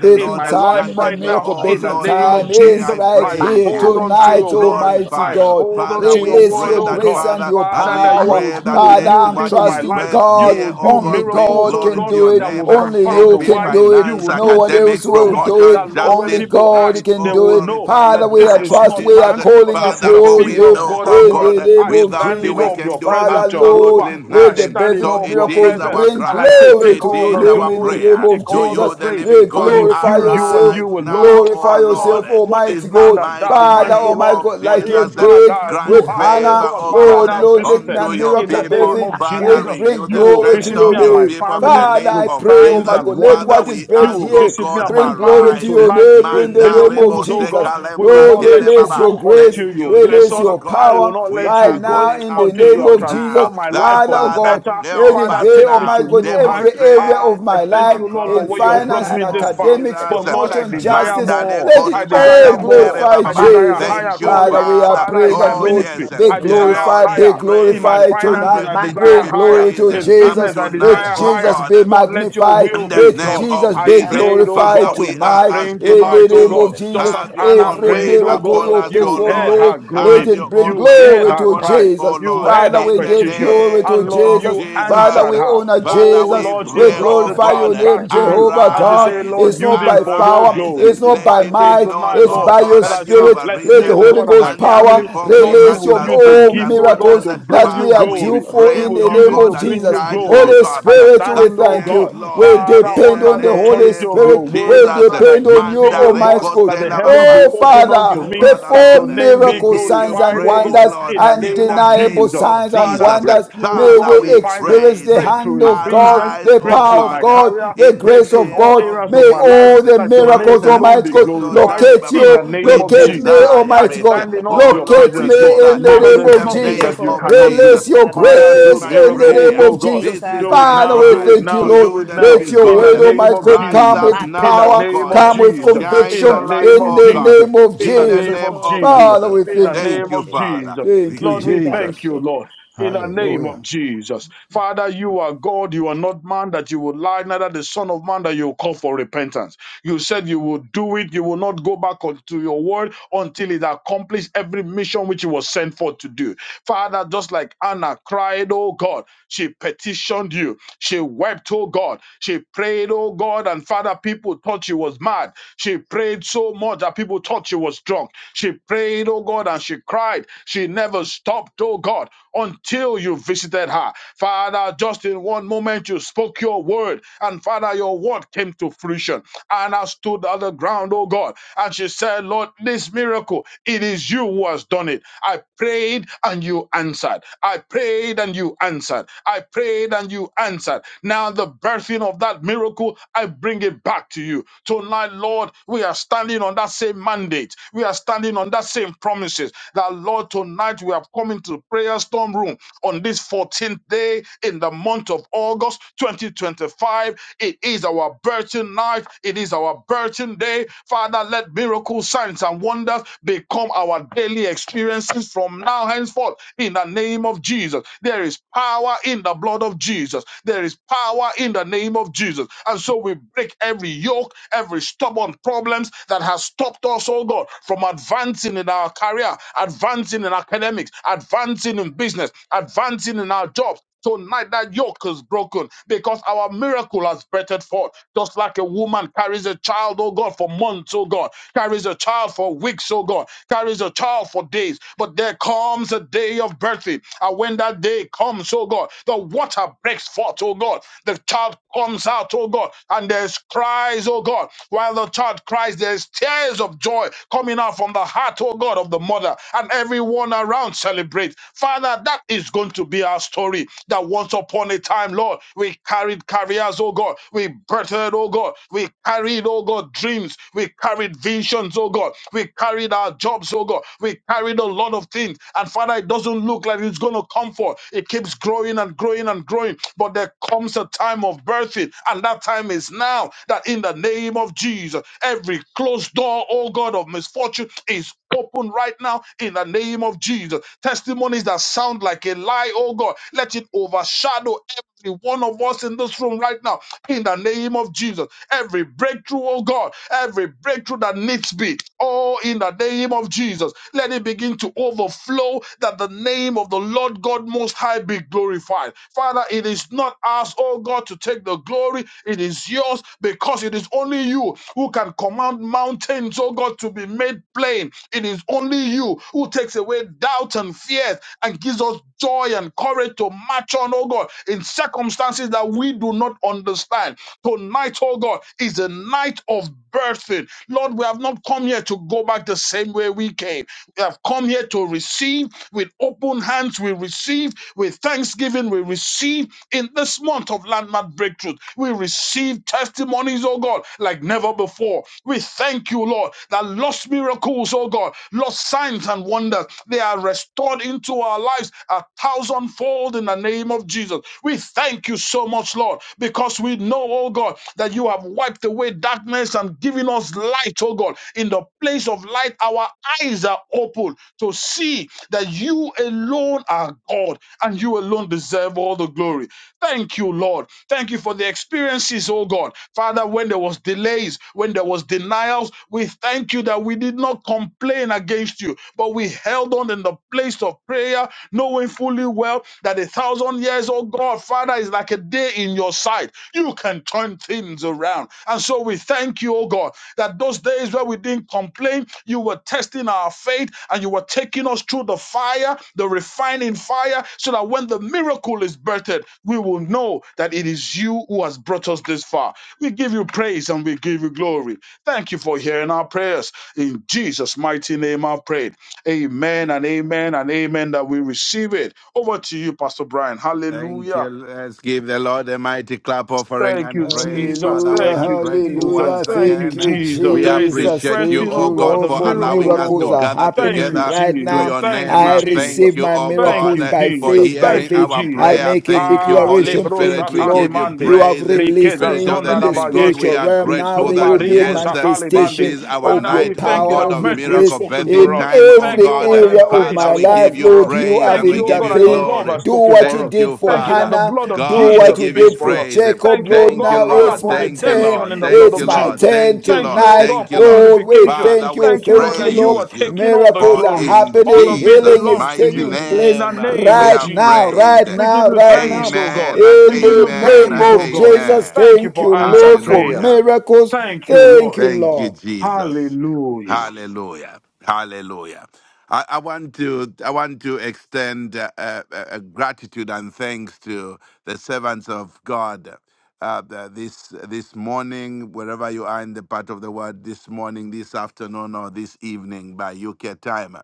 S2: the
S4: in
S2: Lord
S4: my
S2: has
S4: life
S3: time, my
S2: granted
S4: right
S2: me.
S4: now.
S3: miracle
S2: Oh
S4: In the
S3: bathing
S2: Lord,
S4: name
S2: I,
S3: time
S4: of
S2: ga-
S3: is
S4: Jesus,
S2: I
S3: right
S4: I
S2: praise
S3: here
S2: you.
S4: hold on to
S2: I
S3: tonight,
S4: your word.
S3: Almighty
S4: I
S2: glorify you.
S3: God.
S4: hold on
S2: Father,
S4: to
S2: we
S4: your
S3: Release
S4: word,
S2: pray
S3: your
S4: oh
S2: that,
S3: grace
S4: God.
S3: and
S2: Father,
S3: your
S2: as
S4: Father,
S2: we
S4: that you
S3: power.
S4: will
S2: pray that
S4: do a
S3: Father,
S2: let
S4: new
S3: I'm
S4: thing
S2: what
S4: in my
S2: is
S3: trusting
S4: life
S2: birthed
S4: you
S3: God.
S4: will
S2: here, oh
S4: do
S3: Only
S2: God, bring
S4: miracles,
S3: God
S4: oh
S2: glory
S3: can
S2: to
S4: God,
S2: your
S3: do
S2: your
S3: it.
S4: that will
S2: name.
S3: Only
S4: confound
S2: It
S3: you
S4: the
S2: be
S3: can
S4: wise.
S3: do it.
S4: You
S2: finance,
S4: will
S3: No
S4: do
S3: one else
S4: things,
S2: academics,
S4: oh
S3: will
S4: God,
S3: do it.
S2: promotion,
S4: that Lord, when
S2: justice.
S3: Only
S4: people
S2: Let
S3: God
S4: ask,
S2: it
S3: can
S4: they
S2: all
S3: do
S4: will
S3: it.
S4: know
S2: glorify you
S4: that
S3: Father,
S2: in
S3: we
S2: the
S4: this
S3: are
S5: My
S2: name
S4: is
S5: God,
S2: of
S3: trust.
S5: I
S4: not
S3: We
S5: shall
S3: are
S2: Jesus.
S4: man,
S5: never
S4: but
S3: calling
S5: go
S4: this
S5: to
S4: is
S2: Father,
S5: my
S4: the
S2: for
S3: upon
S2: we
S4: finger
S5: seat,
S3: you
S5: that
S4: of
S5: I
S2: know,
S4: God
S5: not
S2: oh
S4: at
S5: go to
S3: in
S4: work.
S3: the
S2: God,
S5: pray.
S3: name
S4: I
S3: of
S2: without
S4: stand
S2: you
S4: in
S2: we
S5: God,
S3: Jesus.
S4: awe
S5: I
S4: of
S2: can
S4: your
S5: must
S2: do
S3: Father,
S4: presence,
S5: stand up
S3: Lord,
S5: for
S4: Jehovah.
S2: absolutely
S5: my
S4: I
S3: let the
S5: seat,
S2: nothing.
S5: that
S4: stand
S5: I
S4: in
S3: blessing
S2: So
S5: not
S3: of
S4: awe of
S5: go
S2: it
S5: to
S4: your
S2: is
S3: miracles
S4: presence.
S2: our
S3: bring
S5: pray.
S4: And I
S2: cry,
S4: say,
S3: glory
S4: take
S2: it
S3: to
S4: all
S3: your
S2: is
S4: the
S5: My
S3: name
S2: our
S5: God,
S3: in
S5: I
S3: the
S4: glory,
S2: prayer
S3: name
S5: shall
S3: of
S4: take
S2: to
S5: never
S4: all
S5: go
S4: the
S2: you,
S3: Jesus.
S5: to
S2: the
S5: my
S4: praise,
S2: living
S3: Let
S5: seat,
S4: for it
S2: God.
S5: that
S4: is
S5: I not
S3: glorify
S4: you, you, and
S3: yourself.
S4: you
S2: Arise
S5: go
S4: alone.
S2: now,
S5: to
S2: oh
S5: pray.
S3: Glorify
S4: Ah,
S2: Lord,
S4: Lord,
S3: yourself,
S4: what is
S3: Almighty
S2: in the
S4: man
S3: God.
S4: that thou
S5: My
S4: art
S2: mighty
S5: God,
S3: Father,
S5: I shall
S4: mindful
S2: name
S4: of?
S3: Almighty
S2: of
S3: God,
S4: What
S5: never
S3: like
S5: go
S4: is
S3: you
S5: to my
S2: Jesus.
S4: God
S3: did
S4: that
S5: seat, that I
S4: you
S3: with
S2: Grant
S5: not go to pray, that I not
S4: are,
S5: go
S4: oh
S3: Hannah.
S2: favor,
S4: God,
S2: O
S4: Father,
S3: Lord,
S2: God,
S4: thou
S3: Lord, let
S5: to
S4: visitest
S3: my
S2: unto
S5: pray.
S2: your
S4: in the
S3: miracle
S2: people.
S4: name of
S5: My
S3: birthing
S5: God,
S2: Father,
S3: bring,
S5: I
S4: Jesus.
S2: renew
S5: shall never go
S3: bring
S4: You
S2: the
S4: will
S3: glory to
S2: strength
S4: visit
S5: to my
S3: your
S4: me
S2: of
S4: and
S2: your
S4: my
S5: seat, that
S3: name.
S2: people
S5: I not
S2: in
S4: family
S2: the
S5: go
S3: Father,
S5: to
S2: name
S3: I
S4: with
S5: pray.
S2: of
S3: pray, oh
S4: signs
S3: my
S2: Jesus.
S4: and
S3: God, let
S2: Father,
S3: what
S4: wonders.
S3: is
S2: we
S4: You
S5: Lord,
S3: birthed
S2: ask,
S4: will
S5: my
S2: O
S3: here
S4: visit me
S5: seat,
S2: God,
S4: and
S5: that
S4: my
S3: bring glory
S4: family
S3: to
S2: arise.
S3: your
S4: tonight
S3: name
S4: with
S3: in the
S2: Manda
S3: name of
S2: rebo
S4: miracles, oh
S3: Jesus.
S4: God.
S2: seka
S4: We will
S2: lembra
S3: Lord,
S4: not let
S2: tiene
S5: I
S4: you
S3: release
S2: baba.
S3: your
S4: go
S5: not go to
S3: grace,
S4: until
S2: Thank
S4: you
S2: you,
S4: bless
S3: release
S4: us.
S2: Jehovah
S3: your
S4: I
S2: God.
S4: will
S3: power
S4: not let
S2: We
S3: right
S2: are
S4: you go
S3: now
S2: calling
S3: Father, in the
S2: out
S4: until
S2: to
S4: you
S3: name
S2: you
S4: have
S3: of Jesus.
S2: now.
S4: transformed my life
S2: That
S3: Father,
S4: for
S3: oh
S4: the
S2: Father,
S3: God,
S4: better.
S3: let
S2: help
S3: it
S4: Father,
S2: us
S3: be,
S4: take me
S2: now.
S4: to
S3: Almighty God,
S4: new
S5: pray.
S3: every
S4: heights.
S3: area
S4: Ah,
S3: of
S2: Demonstrate
S4: I
S3: my
S2: that you
S4: thank
S3: life,
S2: are
S4: you, Lord, for
S3: in
S2: God
S4: where
S2: in
S4: you have
S2: the
S4: brought
S3: finance, in
S2: name
S4: me
S5: Makara
S4: this
S2: of
S4: far.
S3: academics,
S5: Makara
S2: Jesus.
S4: But Lord, I
S5: Ikoro
S3: promotion,
S5: basi,
S4: desire
S3: justice,
S2: Mandale
S4: more.
S3: let it
S4: I
S2: Koriba
S3: all
S4: desire more.
S2: Sentere
S3: glorify
S4: I
S2: Bababa.
S4: desire
S3: Jesus.
S4: higher
S2: Thank you,
S4: calling.
S3: Father, we are
S2: Father.
S4: Father,
S3: praying
S4: in my
S3: that,
S2: Oh,
S3: Lord,
S4: ministry,
S2: yes.
S3: be
S4: I
S2: The
S4: desire
S2: Lord
S3: glorified, be
S2: is
S4: higher. In my
S2: great
S3: glorified
S2: and
S3: tonight.
S4: finances, I
S2: greatly to
S4: desire
S3: Bring
S2: be
S4: higher.
S3: glory to
S2: praised.
S4: In
S2: And
S3: Jesus.
S4: business, I
S3: Let
S2: tonight,
S4: desire
S2: oh
S4: higher.
S3: Jesus be
S2: God.
S4: Lord, let your
S3: magnified.
S2: In
S4: will
S2: the
S4: be
S3: Let
S2: name
S4: done.
S3: Jesus
S2: of
S4: I
S3: be
S2: Jesus,
S4: prayed, oh
S2: Father,
S3: glorified
S4: God.
S2: we are
S4: I'm
S3: tonight.
S4: praying
S2: asking
S3: In
S2: of
S3: the
S4: tonight, oh
S3: name
S4: God.
S2: you,
S3: of
S4: Just
S3: Jesus,
S4: as
S2: have your
S4: Anna
S2: own
S3: every
S2: way
S4: prayed, oh
S3: miracle
S4: God.
S2: upon
S3: you
S2: us, O
S4: You
S3: perform,
S4: heard
S2: Lord.
S3: Lord,
S4: her
S3: let
S2: Have
S4: groanings.
S3: it
S2: your
S3: bring
S2: own
S4: You
S2: way
S4: heard
S3: glory to
S4: her
S3: to
S2: upon us,
S4: cries.
S2: O
S3: Jesus.
S4: You
S2: Lord.
S4: heard
S3: Father,
S4: her
S3: we
S2: In the
S3: give
S4: petition.
S3: glory to
S4: And
S2: name
S4: Lord,
S2: of
S3: Jesus.
S4: you
S3: Father,
S2: Jesus,
S4: answered
S3: we
S4: her.
S3: honor
S2: Father,
S4: Oh
S3: Jesus.
S2: we
S4: Lord, she
S3: We
S2: pray,
S4: brought
S2: O
S4: the
S3: glorify your
S4: child
S2: God,
S5: basi, basi,
S4: back
S3: name,
S4: to you.
S5: basi,
S3: Jehovah
S4: And she said,
S3: God.
S5: basi,
S2: arise
S4: Lord,
S3: It's
S4: use
S3: not
S5: basi.
S4: him
S3: by
S4: for your
S3: power,
S2: Arise.
S4: glory.
S3: it's not
S2: Let
S3: by
S4: I
S2: it
S4: pray
S2: be
S3: might,
S2: known,
S4: tonight,
S3: it's
S2: oh
S4: Lord,
S3: by your
S2: God,
S4: that
S2: that
S4: as
S2: you
S4: you
S2: have
S3: spirit.
S4: bless
S3: Let
S4: me,
S3: the
S2: arisen
S4: oh
S3: Holy
S4: God, and my
S3: Ghost
S2: and you have
S4: family,
S3: power
S2: performed
S4: Lord, we
S3: release your
S4: will
S2: miraculous
S4: use the
S3: all
S2: signs
S4: gift,
S2: and
S4: oh God,
S3: miracles
S2: wonders.
S4: to
S3: that
S4: bring
S3: we
S4: you
S2: Father,
S3: are
S2: we
S3: due
S4: glory.
S3: for
S4: We
S2: pray,
S3: in
S4: will
S3: the
S2: oh
S4: use
S3: name
S4: it
S2: God,
S4: to
S3: of
S2: and
S4: bring
S3: Jesus.
S4: you
S2: charge, oh
S4: glory.
S3: Holy
S2: God,
S4: I
S3: Spirit, we
S4: stand,
S2: that
S4: oh
S3: thank
S2: yes,
S4: God,
S3: you.
S2: Lord,
S3: We
S5: Thank
S4: Father,
S2: in
S3: depend
S2: the
S4: under
S3: on the
S4: the
S3: Holy
S4: authority
S2: name
S4: of
S3: Spirit.
S2: of
S4: your word,
S3: We
S2: Jesus,
S4: and I
S3: depend on you,
S4: decree,
S2: Manda
S4: O God,
S3: Almighty
S2: reko
S3: God.
S4: that the
S2: sela ba
S4: heavens be
S3: Oh,
S4: open
S2: Thank
S4: unto
S2: you,
S3: Father,
S4: me,
S2: Father,
S4: that your
S2: Lord.
S3: perform
S4: name be
S2: We
S3: miracles,
S2: give you
S3: signs, and
S4: glorified, O
S3: wonders
S2: praise,
S4: God,
S3: wonders,
S2: Lord,
S4: in the
S2: in
S4: name
S2: the
S4: of
S3: undeniable
S2: name
S4: Jesus.
S2: of
S3: signs and
S4: Father,
S2: Jesus.
S3: wonders.
S4: breakthrough, O
S3: May
S2: Father,
S3: we
S4: God, in
S2: we
S4: finance,
S3: experience
S2: praise
S3: the
S2: you.
S3: hand
S4: breakthrough in
S3: of God,
S4: business,
S2: Arise,
S3: the
S2: O
S4: breakthrough
S3: power
S4: in
S3: of
S4: my
S2: God.
S3: God,
S4: career,
S3: the
S2: In the
S3: grace
S4: breakthrough in
S3: of
S2: name
S4: all
S3: God.
S2: of
S4: areas
S3: May
S4: of my life,
S2: Jesus,
S3: all the
S4: that your name
S3: miracles,
S4: alone
S3: Almighty
S4: be
S2: Mandareke
S3: God,
S4: glorified
S2: Sotari
S3: locate
S4: in
S2: Baba,
S4: the
S3: you,
S4: name
S2: we
S4: of
S3: locate me,
S4: Jesus. I
S2: desire
S3: Almighty
S2: it.
S3: God.
S4: stand in awe of
S2: Oh
S4: your
S5: you.
S2: Lord,
S3: Locate
S2: we
S3: me
S4: presence, Lord,
S2: desire.
S3: in the
S4: because
S2: In
S3: name
S4: there's
S2: the
S3: of
S5: Masendere
S4: nothing
S5: de
S4: that
S2: name
S3: Jesus.
S4: you
S5: coro,
S2: of
S4: cannot do.
S2: Jesus,
S3: Release your
S5: basindara da
S2: this
S4: Father,
S5: coro,
S2: is
S4: do
S3: grace
S2: my
S3: in
S5: scendere
S3: the
S5: de.
S4: miracles,
S3: name
S2: prayer.
S4: oh
S3: of
S4: God.
S5: E
S3: Jesus.
S2: This is
S4: Do
S5: cara
S4: it
S2: my
S3: Father,
S4: now,
S3: we
S4: do
S2: cry
S4: it
S5: basindara
S3: thank
S5: da
S3: you,
S4: now,
S2: to
S5: coro,
S3: Lord.
S4: do
S2: you,
S4: it
S2: the
S4: now.
S5: scendere
S3: Let
S5: de
S2: living
S3: your
S4: In
S5: chere
S4: the
S3: word,
S2: God.
S4: name
S3: Almighty
S5: scendere.
S4: of
S3: God,
S2: Rise
S3: come
S4: Jesus.
S2: up
S5: Ma
S3: with
S4: In
S2: now,
S5: cara
S4: the
S2: O
S3: power,
S4: name of
S5: scindara
S2: God.
S3: come
S5: da
S3: with
S5: coro,
S4: Jesus.
S2: Shine
S4: In the
S3: conviction
S2: your
S5: basindara da
S2: light,
S4: name
S3: in
S4: of
S5: cara
S2: O
S3: the
S2: God.
S4: Jesus.
S3: name
S5: scendere.
S3: of
S4: In the
S2: In the
S5: I
S4: name
S3: Jesus.
S2: name
S4: of
S5: coro
S2: of
S4: Jesus.
S3: Father,
S2: Jesus.
S3: we
S4: In
S5: basindara
S4: the
S5: da
S3: thank you.
S2: Thank
S5: cara
S4: name
S2: you,
S4: of
S5: scendere.
S2: Father.
S4: Jesus.
S2: We
S3: Thank you,
S4: Lord,
S5: I
S2: give you
S4: we
S5: cara
S4: thank
S2: praise,
S3: Jesus.
S4: you,
S2: Lord.
S5: scendere.
S4: Lord in the name
S3: Hallelujah.
S4: of Jesus. Father, you are God. You are not man that you would lie, neither the Son of Man that you will call for repentance. You said you will do it. You will not go back onto your word until it accomplished every mission which it was sent forth to do. Father, just like Anna cried, oh God, she petitioned you. She wept, oh God. She prayed, oh God. And Father, people thought she was mad. She prayed so much that people thought she was drunk. She prayed, oh God, and she cried. She never stopped, oh God until until you visited her. Father, just in one moment you spoke your word, and Father, your word came to fruition. And I stood on the ground, oh God, and she said, Lord, this miracle, it is you who has done it. I prayed and you answered. I prayed and you answered. I prayed and you answered. Now, the birthing of that miracle, I bring it back to you. Tonight, Lord, we are standing on that same mandate. We are standing on that same promises. That, Lord, tonight we have come into the prayer storm room on this 14th day in the month of August 2025. It is our birthing night. It is our birthing day. Father, let miracles, signs, and wonders become our daily experiences from now henceforth in the name of Jesus. There is power in the blood of Jesus. There is power in the name of Jesus. And so we break every yoke, every stubborn problems that has stopped us, oh God, from advancing in our career, advancing in academics, advancing in business, advancing in our jobs. Tonight, that yoke is broken because our miracle has breathed forth. Just like a woman carries a child, oh God, for months, oh God, carries a child for weeks, oh God, carries a child for days. But there comes a day of birthing. And when that day comes, oh God, the water breaks forth, oh God. The child comes out, oh God, and there's cries, oh God. While the child cries, there's tears of joy coming out from the heart, oh God, of the mother. And everyone around celebrate. Father, that is going to be our story. That once upon a time, Lord, we carried careers, oh God. We birthed, oh God. We carried, oh God, dreams. We carried visions, oh God. We carried our jobs, oh God. We carried a lot of things. And Father, it doesn't look like it's going to come forth. It keeps growing and growing and growing. But there comes a time of birthing, and that time is now. That in the name of Jesus, every closed door, oh God, of misfortune is open right now in the name of Jesus. Testimonies that sound like a lie, oh God, let it overshadow every one of us in this room right now in the name of Jesus. Every breakthrough, oh God, every breakthrough that needs be, oh, in the name of Jesus, let it begin to overflow that the name of the Lord God Most High be glorified. Father, it is not us, oh God, to take the glory, it is yours because it is only you who can command mountains, oh God, to to be made plain. It is only you who takes away doubt and fears and gives us joy and courage to march on, oh God, in circumstances that we do not understand. Tonight, oh God, is a night of birthing. Lord, we have not come here to go back the same way we came. We have come here to receive with open hands. We receive with thanksgiving. We receive in this month of landmark breakthrough. We receive testimonies, oh God, like never before. We we thank you, Lord, that lost miracles, oh God, lost signs and wonders, they are restored into our lives a thousandfold in the name of Jesus. We thank you so much, Lord, because we know, oh God, that you have wiped away darkness and given us light, oh God. In the place of light, our eyes are open to see that you alone are God and you alone deserve all the glory. Thank you, Lord. Thank you for the experiences, oh God. Father, when there was delay delays, when there was denials, we thank you that we did not complain against you, but we held on in the place of prayer, knowing fully well that a thousand years, oh God, Father, is like a day in your sight. You can turn things around. And so we thank you, oh God, that those days where we didn't complain, you were testing our faith and you were taking us through the fire, the refining fire, so that when the miracle is birthed, we will know that it is you who has brought us this far. We give you praise and we give you glory. Thank you for hearing our prayers. In Jesus' mighty name, I've prayed. Amen and amen and amen that we receive it. Over to you, Pastor Brian.
S2: Thank
S4: Hallelujah.
S2: you. Let's give the Lord a mighty clap offering
S4: Thank
S2: and
S4: you,
S2: praise.
S4: Jesus.
S2: Father, we
S3: Hallelujah,
S4: Thank
S2: are
S4: you,
S2: grateful
S4: Jesus.
S2: once
S3: hallelujah.
S4: Thank
S3: Thank
S4: you,
S2: again.
S3: you,
S4: Jesus.
S2: We
S4: There is a
S3: Jesus.
S2: appreciate you,
S4: blessing,
S3: Thank
S2: oh
S4: oh
S3: you,
S2: God,
S4: God, a
S3: Lord,
S2: for
S3: for
S4: miracle,
S2: allowing us
S4: oh
S3: miracles
S2: to
S4: God.
S3: are
S2: gather
S4: Thank
S3: happening
S4: you,
S2: together
S3: right
S2: to
S4: Jesus.
S3: now.
S2: your
S4: Thank
S2: name.
S4: you,
S3: I
S2: I Thank
S4: Jesus.
S3: receive
S2: you,
S3: my
S2: oh
S4: Thank
S3: miracles
S4: you,
S2: God,
S3: by
S2: for
S4: Jesus.
S3: faith, by
S4: Thank
S2: hearing
S4: you,
S3: faith.
S2: our
S3: I
S4: Jesus.
S2: prayer.
S3: make a
S2: Thank you,
S4: Ah,
S2: Holy
S3: declaration.
S4: lebros
S2: Spirit.
S3: Thank you,
S2: We
S3: Lord.
S2: give you
S3: You
S4: atalimande.
S3: have
S2: praise.
S3: released
S4: Rikeza
S2: Spirit
S3: me in,
S2: of the
S3: in
S4: zonda
S3: the
S2: living God, we
S3: spiritual
S4: rabayeke.
S2: are
S3: realm.
S4: We
S3: Now
S2: grateful
S3: there
S2: that
S3: will
S4: zomba
S3: be a
S4: rebo
S2: yes, uh, this
S4: satalibande.
S3: manifestation
S2: is our
S3: of
S4: Father,
S3: your
S4: we
S2: night, oh
S4: thank you
S2: God,
S3: power,
S4: that
S3: of
S2: of
S3: your
S4: mercy has
S3: grace
S2: miracle
S4: spoken for
S2: birthing
S3: in
S4: us.
S2: time, oh
S4: Thank you,
S3: every
S4: oh
S2: God.
S4: God,
S2: Uh,
S4: that
S3: area of
S4: grace
S2: Father,
S3: my
S4: has
S2: we give
S3: life,
S4: spoken
S2: you
S4: for us.
S3: Lord. You you
S2: praise
S3: have
S2: and
S4: Thank
S2: we
S4: you, oh
S2: give
S4: God,
S2: you
S4: that your
S3: intervened.
S4: love
S2: glory.
S4: has
S3: Do
S4: spoken
S3: what you
S4: for us.
S2: Thank
S3: did
S2: you,
S3: for
S4: Thank you that
S2: Father.
S4: the
S3: Hannah.
S4: blood of
S3: Do
S2: God, we
S3: what
S4: Jesus
S3: you
S2: give you
S4: speaks
S3: did for
S4: for us.
S2: praise.
S3: Jacob,
S4: Thank you, O
S3: Lord.
S2: Thank you,
S4: God,
S3: Now
S4: Father,
S3: it's
S2: Lord.
S4: for
S3: my
S2: Thank you,
S3: turn.
S4: redemption
S2: Lord.
S4: in the blood
S2: Thank
S3: It's
S2: you,
S4: of
S3: my
S2: Lord.
S4: Jesus.
S3: turn
S2: Thank you,
S4: Thank you,
S2: Lord.
S4: O
S3: tonight.
S4: God,
S2: Thank you,
S4: for
S2: Lord.
S3: Lord, we
S4: purification.
S2: Father,
S3: thank
S2: we
S3: you.
S4: Thank you,
S3: Thank
S4: Lord,
S3: you,
S4: that you
S3: Lord.
S4: are
S2: praise you.
S4: taking all the
S3: Miracles
S2: For
S3: are
S4: glory.
S2: in
S4: All
S3: happening.
S4: of it
S3: Healing
S2: Jesus'
S3: is
S4: belongs to
S2: mighty
S4: you.
S3: taking
S4: In
S3: place
S4: the
S2: name uh,
S4: name
S2: we
S4: of
S3: right
S2: are
S3: now,
S4: Jesus.
S2: praised.
S3: right
S4: We give
S3: now,
S4: you
S3: right
S4: thanks,
S3: now.
S4: O God.
S2: Amen and
S4: We
S3: In
S4: give
S3: the
S4: you
S2: amen
S3: name
S4: praise,
S2: and
S4: O
S3: of
S4: God.
S3: Jesus,
S2: amen.
S4: Thank you
S3: thank you,
S4: for answered
S3: Lord, for
S4: prayer.
S2: Hallelujah.
S3: miracles.
S4: Thank you,
S3: Thank
S4: Lord.
S3: you,
S2: Thank you,
S3: Lord.
S2: Jesus.
S4: Hallelujah.
S2: Hallelujah. Hallelujah. I, I want to I want to extend uh, uh, uh, uh, gratitude and thanks to the servants of God uh, th- this this morning, wherever you are in the part of the world, this morning, this afternoon, or this evening by UK time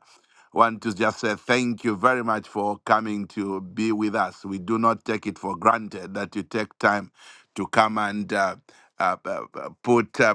S2: want to just say thank you very much for coming to be with us. We do not take it for granted that you take time to come and uh, uh, uh, uh, put uh,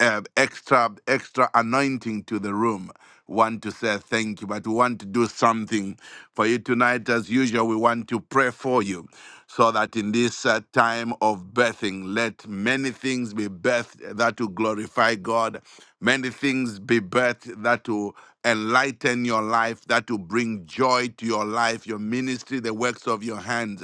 S2: uh, extra extra anointing to the room want to say thank you, but we want to do something for you tonight. As usual, we want to pray for you so that in this uh, time of birthing, let many things be birthed that will glorify God, many things be birthed that will enlighten your life, that will bring joy to your life, your ministry, the works of your hands,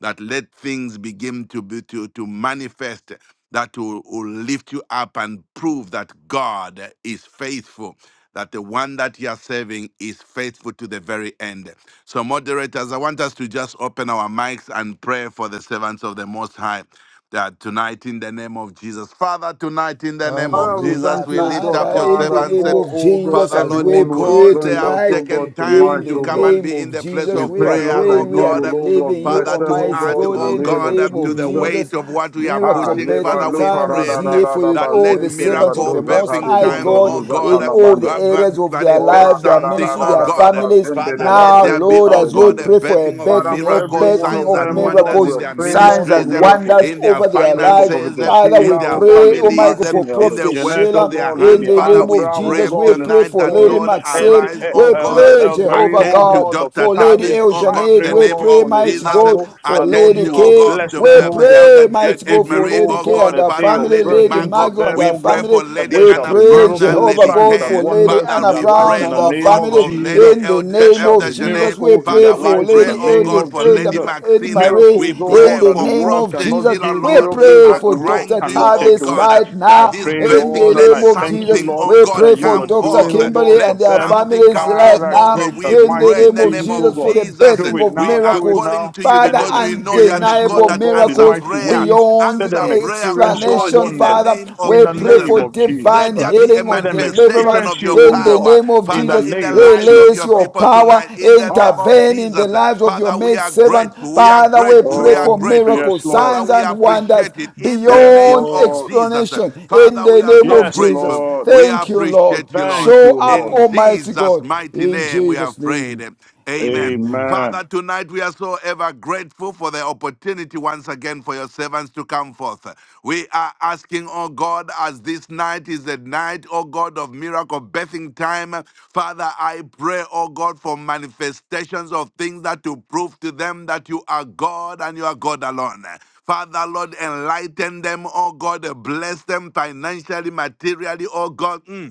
S2: that let things begin to be to, to manifest that will, will lift you up and prove that God is faithful that the one that you are serving is faithful to the very end. So, moderators, I want us to just open our mics and pray for the servants of the Most High. That tonight, in the name of Jesus, Father, tonight, in the name of
S4: Father, we
S2: Jesus,
S4: thank
S3: Hallelujah.
S2: we
S4: you, O
S2: lift
S4: God,
S2: up
S3: Father,
S2: your
S3: in the
S4: Father,
S2: servants.
S3: name
S4: for,
S3: of
S4: O
S3: Jesus,
S4: God,
S2: Father,
S3: as
S2: Lord,
S3: we
S4: everyone who has
S3: pray
S2: because they
S4: joined us,
S2: have
S3: tonight,
S4: O
S2: taken
S4: God,
S2: time
S3: in
S4: tonight,
S3: the
S2: to
S4: O
S2: come
S4: God.
S2: and
S3: name
S2: be in
S3: of
S2: the place
S4: We
S3: Jesus,
S2: of
S3: we are
S4: pray,
S2: prayer,
S4: Lord,
S2: oh
S4: that
S3: praying, we
S4: you
S3: are
S4: will,
S2: God.
S4: oh
S3: believing
S4: God,
S3: you,
S4: bless
S2: Father,
S4: them,
S2: to
S4: oh
S3: Almighty
S2: add,
S4: God, in
S3: God,
S2: oh
S4: the
S3: in the
S4: name of
S2: God,
S3: name
S2: up to
S3: of
S2: the
S4: Jesus.
S3: Jesus.
S2: weight of what we are
S4: Ah,
S3: Miracle
S2: pushing,
S4: leba
S2: Father,
S3: birthing
S2: we
S4: luka
S3: time
S4: ra
S3: is
S2: pray
S4: da da
S3: here
S4: da
S3: for
S4: da ba
S2: that
S3: all
S2: let
S3: the
S4: zinke re
S3: servants of
S2: miracle
S3: the
S4: doza
S3: Most
S4: ta de
S2: birthing
S3: High
S2: time,
S3: God
S2: oh
S4: ruza ta
S2: God,
S3: in
S4: la
S3: all the
S2: uh,
S3: areas of their
S2: manifest
S4: Ora
S3: lives,
S4: ka
S3: their
S4: ra
S2: something,
S4: ra
S3: ministry,
S4: ra
S2: oh
S3: their
S4: ra ra
S2: God.
S4: ba
S3: families.
S4: zinde
S2: Father,
S4: re
S2: let
S3: Now,
S2: there
S4: rete
S2: be,
S3: Lord,
S4: ta
S2: oh
S4: de
S3: as we
S2: God, a
S3: pray for a
S2: birthing of
S4: Father,
S3: birthing, a
S4: for every
S3: birthing
S2: miracles,
S4: one
S3: birthing
S4: of
S2: signs,
S3: of
S4: them,
S2: and
S4: oh God,
S2: wonders in
S3: miracles,
S4: we're
S2: their
S4: praying, Lord,
S3: signs,
S4: for
S2: ministries,
S3: and
S2: eh,
S4: miracles.
S3: wonders
S2: in their
S3: over
S4: I
S3: their
S4: pray for
S3: lives.
S4: Prophet
S2: finances, eh,
S3: Father, we
S2: in
S4: Sheila, oh
S2: their
S4: God,
S3: pray,
S4: Lady
S3: oh my
S2: families,
S3: God,
S2: eh,
S3: for
S4: Maxine,
S2: in
S4: Elder
S2: the
S3: Prophet
S4: Jeanette,
S2: works
S4: oh
S2: of
S3: Sheila
S2: their
S4: God,
S3: in
S2: hands.
S4: Lady
S3: the
S2: Father,
S4: Anna
S3: name
S2: we
S3: of
S4: Brown, oh
S2: pray
S3: Jesus. We
S4: God,
S3: pray
S4: Lady
S2: tonight
S3: for
S2: that,
S3: Lady
S4: Corey,
S2: Lord,
S4: and the
S3: Maxine.
S2: arise,
S4: E-
S2: oh
S3: We
S2: God.
S4: Elder
S3: pray,
S4: El Marie,
S3: Jehovah
S4: oh
S2: Attend to
S3: God,
S4: God,
S2: Dr.
S4: Dr.
S3: for Lady
S4: Tavish.
S2: Tavis,
S3: El
S2: oh
S4: I
S2: God, in
S4: pray,
S2: the
S4: oh
S3: We
S2: name
S4: God,
S3: pray,
S4: for
S2: of
S4: Lady
S3: mighty
S2: Jesus.
S3: God,
S4: Margot,
S3: for
S4: that Lord,
S3: Lady
S4: you
S2: Attend, oh
S4: will
S3: K.
S2: God,
S4: bless
S2: to
S3: We
S4: them,
S2: the,
S4: oh
S2: the
S4: God.
S2: elder
S3: pray,
S4: Let
S2: Ed,
S3: mighty
S2: Ed
S4: it
S3: God,
S4: be,
S3: for
S2: Marie,
S4: oh
S3: Lady
S2: oh
S3: K
S4: God,
S3: and
S4: a
S2: God,
S3: her
S4: day
S2: Father,
S4: of
S3: family,
S2: Lady
S3: Lady
S4: birthing for
S2: Margot.
S3: Margot and
S4: them,
S2: We
S3: her
S4: oh
S2: pray
S4: God,
S3: family.
S2: for
S4: that
S2: Lady
S4: there
S3: We
S4: shall
S2: Anna
S4: be
S3: pray,
S2: Bramner,
S4: miracles,
S3: Jehovah
S2: Lady
S4: signs,
S3: God,
S4: and
S3: for
S2: Care.
S3: Lady. Lady
S4: wonders
S2: Father,
S4: in
S3: Anna
S4: their
S2: we
S4: lives
S3: Brown
S4: in
S2: pray,
S3: and
S4: the
S2: oh
S3: her
S4: name
S2: God,
S4: of
S3: family.
S2: for Lady
S4: Jesus.
S3: In the
S2: Eld- E,
S4: There
S3: name
S4: shall
S2: Elder
S4: be
S3: of Jesus,
S2: Janelle.
S3: we
S4: miracles in
S3: pray
S4: their
S2: Father, we
S3: for
S4: lives in
S2: pray,
S4: the
S3: Lady
S2: oh
S4: name
S3: Elder,
S2: God,
S4: of
S2: for Lady
S4: Jesus
S3: Elder, Elder
S2: Maxine.
S3: Marie.
S2: We
S4: miracles, oh
S3: In
S2: pray
S4: God,
S3: the
S4: that the
S2: for
S3: name
S4: world
S3: of
S2: Prophet
S4: cannot
S3: Jesus,
S2: Sheila,
S4: give,
S3: we
S2: Lord. We
S4: miracles
S3: pray
S4: that
S2: are
S4: the
S3: for
S4: world
S2: crying
S3: Dr.
S2: to you,
S4: cannot
S2: oh
S4: take
S3: Tavis
S4: away.
S2: God,
S3: right
S4: I
S2: that this
S3: now.
S4: pray,
S3: In
S2: birthing,
S4: Lord,
S3: the
S4: and
S2: let
S4: I
S3: name of
S4: thank you,
S3: Jesus,
S2: something,
S4: Lord,
S2: oh
S3: we
S4: that
S3: pray
S2: God,
S3: for
S4: you are
S2: come
S3: Dr.
S4: doing,
S2: forth.
S4: oh God,
S3: Kimberly and
S4: for
S2: Let
S3: their
S4: them,
S2: something anointing
S3: families
S2: come
S3: right
S2: forth,
S4: Father,
S2: oh
S3: now.
S4: great
S2: God. We
S4: and
S3: In the
S2: pray
S4: mighty
S2: in
S3: name
S2: the
S3: of
S2: name
S4: things,
S2: of
S4: oh
S3: Jesus, for
S4: God.
S3: the
S2: Jesus.
S4: Do
S3: birthing
S4: it
S3: of
S2: We
S4: now,
S2: are
S4: do it
S3: miracles.
S2: calling
S4: now.
S2: to you
S4: Let
S3: Father,
S4: them
S2: because we know you are
S4: experience
S2: the
S4: you,
S2: God
S3: undeniable
S4: oh
S2: that
S4: God, in
S2: answer
S3: miracles
S4: mighty
S2: prayer.
S4: ways.
S3: beyond
S4: Let
S2: Answer
S4: them
S2: prayer, oh
S4: experience your
S2: God,
S3: explanation,
S2: in the
S4: wonders
S3: Father.
S2: name
S4: in
S2: of
S3: We
S4: the
S3: pray
S2: Jesus.
S4: name
S3: for
S4: of Jesus
S2: Let
S3: divine
S2: there
S4: Christ.
S2: be a
S3: healing
S4: Let
S3: of
S4: them
S2: manifestation
S3: deliverance
S4: experience
S2: of your
S4: you, oh
S3: in the
S4: God,
S2: power,
S3: name of
S4: in
S2: Father,
S4: the
S3: Jesus.
S2: in the
S4: name of
S2: lives of
S3: Release
S4: Jesus
S2: your
S4: Christ.
S3: your
S2: people
S3: power,
S2: tonight, in the
S4: Ah,
S2: name of
S3: intervene in
S2: Jesus.
S3: the lives of your
S2: Father, we
S3: maid
S2: are
S3: servant.
S2: grateful. We are
S3: Father, we
S2: grateful.
S3: pray
S2: We are
S4: oh,
S3: for
S2: grateful.
S4: yes,
S3: miracles,
S4: Lord.
S2: Father,
S3: signs,
S2: we
S3: and wonders
S2: appreciate it in the
S4: Yes,
S2: name
S3: beyond
S2: of
S4: Lord.
S2: Jesus.
S3: explanation in
S2: Father, we
S3: the
S2: are
S3: name
S2: so
S3: of
S4: Yes,
S2: grateful.
S3: Jesus.
S4: Lord.
S2: We
S3: Thank you, Lord.
S2: appreciate you,
S4: Thank
S2: Lord.
S3: Show
S4: you,
S3: up,
S4: Lord.
S2: In
S3: Almighty
S2: Jesus'
S3: God,
S2: mighty
S3: in
S2: name, we
S3: Jesus'
S2: have prayed.
S3: name.
S2: Amen.
S3: Amen.
S4: Amen.
S2: Father, tonight we are so ever grateful for the opportunity once again for your servants to come forth. We are asking, oh God, as this night is the night, oh God, of miracle birthing time. Father, I pray, oh God, for manifestations of things that to prove to them that you are God and you are God alone. Father, Lord, enlighten them, oh God, bless them financially, materially, oh God. Mm.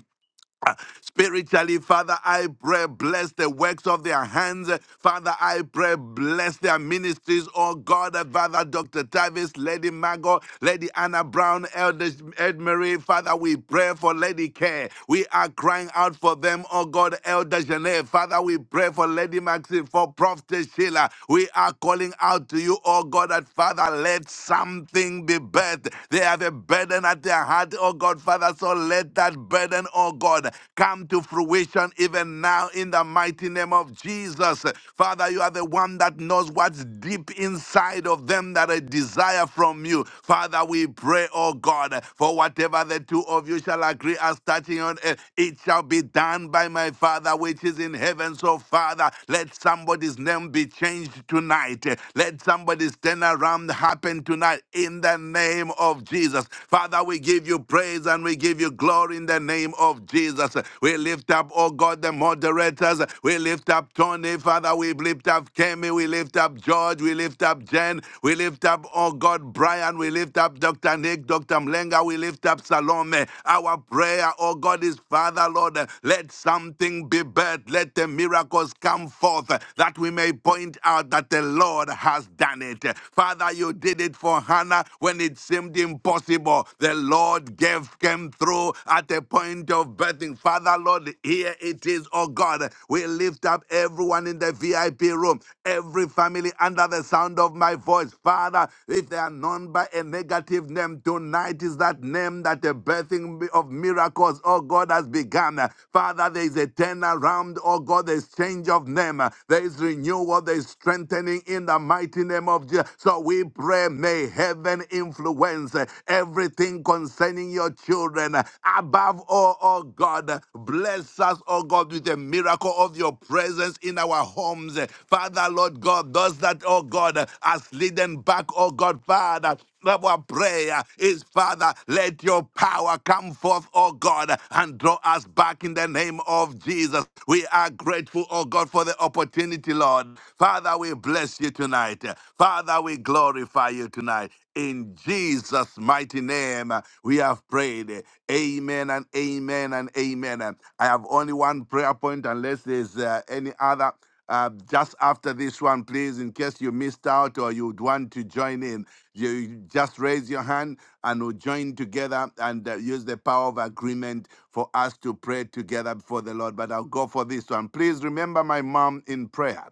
S2: Spiritually, Father, I pray, bless the works of their hands. Father, I pray, bless their ministries, oh God. Father, Dr. Tavis, Lady Mago, Lady Anna Brown, Elder Edmary, Father, we pray for Lady Care. We are crying out for them, oh God, Elder Janet. Father, we pray for Lady Maxine, for Prophet Sheila. We are calling out to you, oh God, that Father, let something be birthed. They have a burden at their heart, oh God, Father, so let let that burden, oh God, come to fruition even now in the mighty name of Jesus. Father, you are the one that knows what's deep inside of them that I desire from you. Father, we pray, oh God, for whatever the two of you shall agree as touching on earth, it shall be done by my Father which is in heaven. So, Father, let somebody's name be changed tonight. Let somebody's turnaround happen tonight in the name of Jesus. Father, we we give you praise and we give you glory in the name of Jesus. We lift up, oh God, the moderators. We lift up Tony, Father. We lift up Kemi. We lift up George. We lift up Jen. We lift up, oh God, Brian. We lift up Dr. Nick, Dr. Mlenga. We lift up Salome. Our prayer, oh God, is Father, Lord, let something be birthed. Let the miracles come forth that we may point out that the Lord has done it. Father, you did it for Hannah when it it seemed impossible, the Lord gave came through at the point of birthing. Father, Lord, here it is, oh God. We lift up everyone in the VIP room, every family under the sound of my voice. Father, if they are known by a negative name, tonight is that name that the birthing of miracles, oh God, has begun. Father, there is a turnaround, oh God, there's change of name, there is renewal, there is strengthening in the mighty name of Jesus. So we we pray, may heaven influence uh, everything concerning your children. Above all, oh God, bless us, oh God, with the miracle of your presence in our homes. Father, Lord God, those that, oh God, are slidden back, oh God, Father, our prayer is, Father, let your power come forth, oh God, and draw us back in the name of Jesus. We are grateful, oh God, for the opportunity, Lord. Father, we bless you tonight. Father, we glorify you tonight. In Jesus' mighty name, we have prayed. Amen and amen and amen. I have only one prayer point, unless there's uh, any other. Uh, just after this one, please, in case you missed out or you'd want to join in, you just raise your hand and we'll join together and uh, use the power of agreement for us to pray together before the Lord. But I'll go for this one. Please remember my mom in prayer.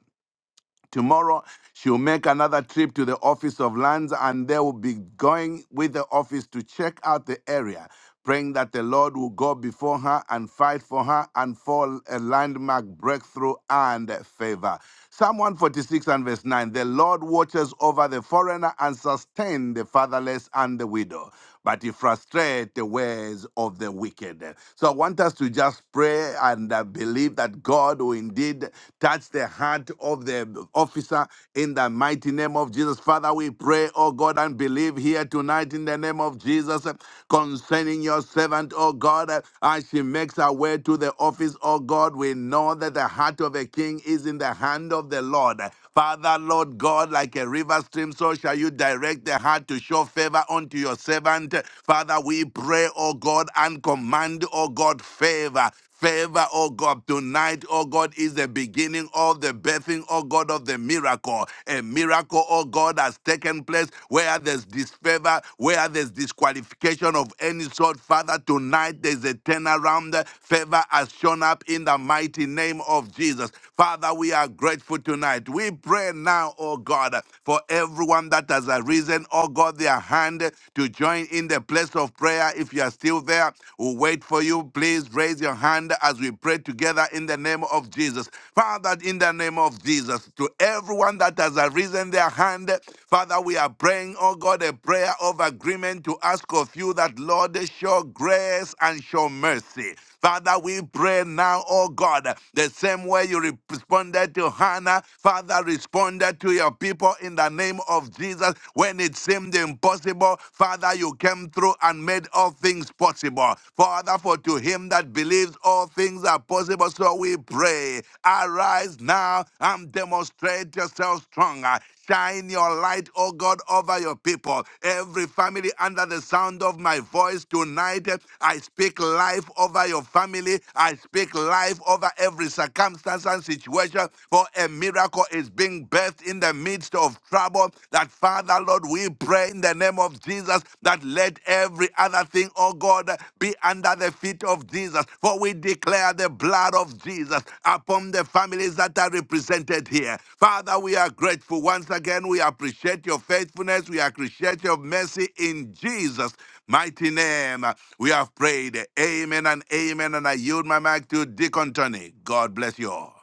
S2: Tomorrow, she'll make another trip to the office of lands, and they will be going with the office to check out the area, praying that the Lord will go before her and fight for her and for a landmark breakthrough and favor. Psalm 146 and verse 9 The Lord watches over the foreigner and sustains the fatherless and the widow but he frustrates the ways of the wicked. So I want us to just pray and uh, believe that God will indeed touch the heart of the officer in the mighty name of Jesus. Father, we pray, oh God, and believe here tonight in the name of Jesus uh, concerning your servant, oh God, uh, as she makes her way to the office, oh God. We know that the heart of a king is in the hand of the Lord. Father, Lord God, like a river stream, so shall you direct the heart to show favor unto your servant. Father, we pray, O God, and command, O God, favor. Favor, O God, tonight, O God, is the beginning of the birthing, O God, of the miracle. A miracle, O God, has taken place where there's disfavor, where there's disqualification of any sort. Father, tonight there's a turnaround. Favor has shown up in the mighty name of Jesus. Father, we are grateful tonight tonight. We pray now, oh God, for everyone that has arisen, oh God, their hand to join in the place of prayer. If you are still there, we'll wait for you. Please raise your hand as we pray together in the name of Jesus. Father, in the name of Jesus, to everyone that has arisen their hand, Father, we are praying, oh God, a prayer of agreement to ask of you that, Lord, show grace and show mercy. Father, we pray now, oh God, the same way you responded to Hannah, Father, responded to your people in the name of Jesus when it seemed impossible. Father, you came through and made all things possible. Father, for to him that believes all things are possible, so we pray. Arise now and demonstrate yourself well strong. Uh, Shine your light, oh God, over your people. Every family under the sound of my voice tonight, eh, I speak life over your family. I speak life over every circumstance and situation, for a miracle is being birthed in the midst of trouble. That, Father, Lord, we pray in the name of Jesus that let every other other thing, oh God, be under the feet of Jesus. For we declare the blood of Jesus upon the families that are represented here. Father, we are grateful. Once again, we appreciate your faithfulness. We appreciate your mercy in Jesus' mighty name. We have prayed. Amen and amen. And I yield my mic to Deacon Tony. God bless you all.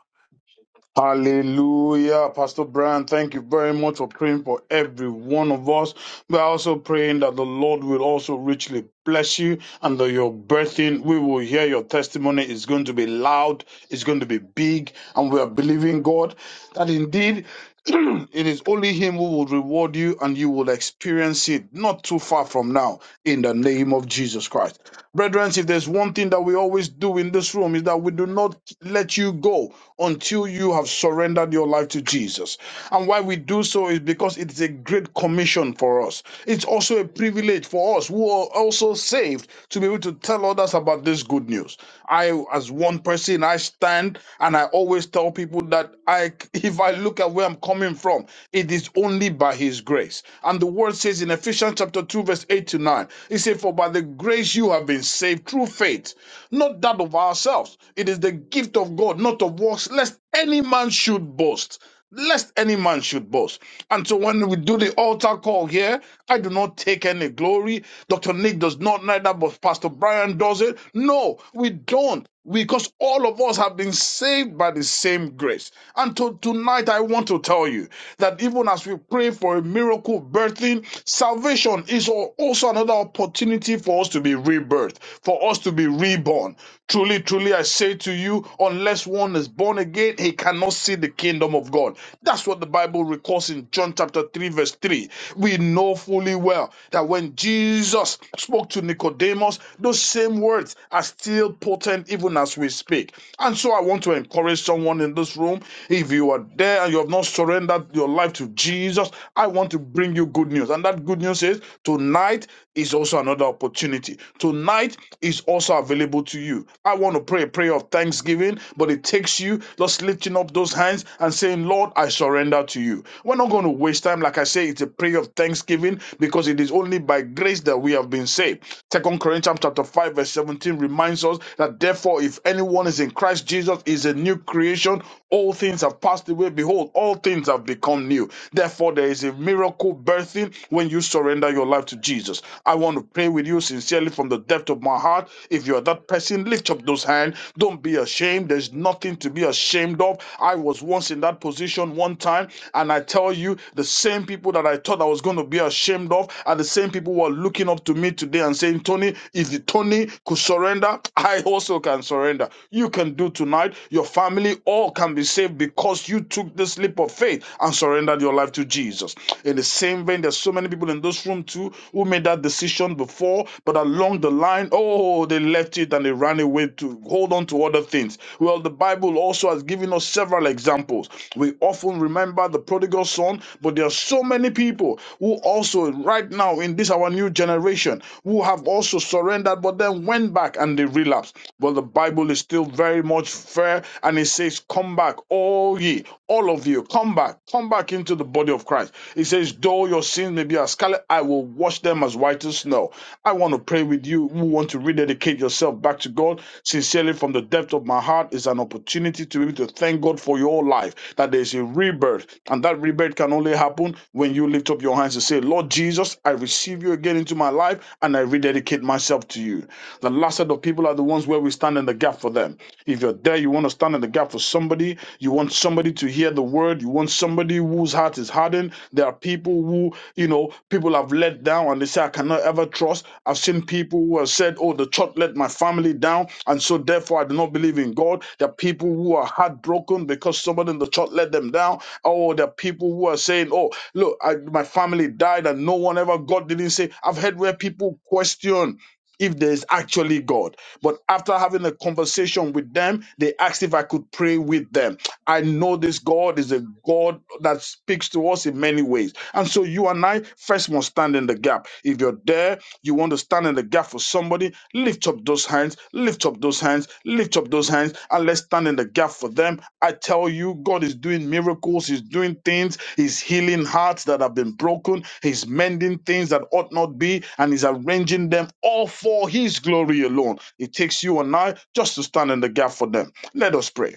S4: Hallelujah. Pastor Brian, thank you very much for praying for every one of us. We are also praying that the Lord will also richly bless you and that your birthing, we will hear your testimony. It's going to be loud, it's going to be big, and we are believing God that indeed it is only Him who will reward you and you will experience it not too far from now in the name of Jesus Christ. Brethren, if there's one thing that we always do in this room is that we do not let you go until you have surrendered your life to Jesus. And why we do so is because it is a great commission for us. It's also a privilege for us who are also saved to be able to tell others about this good news. I, as one person, I stand and I always tell people that I, if I look at where I'm coming from, it is only by His grace. And the word says in Ephesians chapter 2, verse 8 to 9. 1. He said, For by the grace you have been saved through faith, not that of ourselves. It is the gift of God, not of works, lest any man should boast. Lest any man should boast. And so when we do the altar call here, I do not take any glory. Dr. Nick does not, neither but Pastor Brian does it. No, we don't because all of us have been saved by the same grace. And to, tonight, I want to tell you that even as we pray for a miracle birthing, salvation is al- also another opportunity for us to be rebirthed, for us to be reborn. Truly, truly, I say to you, unless one is born again, he cannot see the kingdom of God. That's what the Bible records in John chapter 3, verse 3. We know fully well that when Jesus spoke to Nicodemus, those same words are still important even as we speak. And so I want to encourage someone in this room. If you are there and you have not surrendered your life to Jesus, I want to bring you good news. And that good news is tonight is also another opportunity. Tonight is also available to you. I want to pray a prayer of thanksgiving, but it takes you just lifting up those hands and saying, Lord, I surrender to you. We're not going to waste time. Like I say, it's a prayer of thanksgiving because it is only by grace that we have been saved. Second Corinthians chapter 5, verse 17 reminds us reminds us that therefore, if anyone is in Christ Jesus, is a new creation. All things have passed away. Behold, all things have become new. Therefore, there is a miracle birthing when you surrender your life to Jesus. I want to pray with you sincerely from the depth of my heart. If you are that person, lift up those hands. Don't be ashamed. There's nothing to be ashamed of. I was once in that position one time, and I tell you, the same people that I thought I was going to be ashamed of are the same people who are looking up to me today and saying, Tony, if Tony could surrender surrender, I also can surrender. You can do tonight. Your family all can be saved because you took this leap of faith and surrendered your life to Jesus. In the same vein, there's so many people in this room too who made that decision before, but along the line, oh, they left it and they ran away to hold on to other things. Well, the Bible also has given us several examples. We often remember the prodigal son, but there are so many people who also, right now in this our new generation, who have also surrendered, but then and went back and they relapsed. But the Bible is still very much fair and it says, Come back, all ye, all of you, come back, come back into the body of Christ. It says, Though your sins may be as scarlet, I will wash them as white as snow. I want to pray with you who want to rededicate yourself back to God sincerely from the depth of my heart is an opportunity to be able to thank God for your life, that there is a rebirth. And that rebirth can only happen when you lift up your hands and say, Lord Jesus, I receive you again into my life and I rededicate myself to you to you. The last set of people are the ones where we stand in the gap for them. If you're there, you want to stand in the gap for somebody, you want somebody to hear the word, you want somebody whose heart is hardened. There are people who, you know, people have let down and they say, I cannot ever trust. I've seen people who have said, Oh, the church let my family down, and so therefore I do not believe in God. There are people who are heartbroken because somebody in the church let them down. Oh, there are people who are saying, Oh, look, I, my family died and no one ever, God didn't say. I've heard where people question if there is actually God. But after having a conversation with them, they asked if I could pray with them. I know this God is a God that speaks to us in many ways. And so you and I first must stand in the gap. If you're there, you want to stand in the gap for somebody, lift up those hands, lift up those those hands, lift up those hands, and let's stand in the gap for them. I tell you, God is doing miracles, He's doing things, He's healing hearts that have been broken, He's mending things that ought not be, and He's arranging them all for His glory alone. It takes you and I just to stand in the gap for them. Let us pray.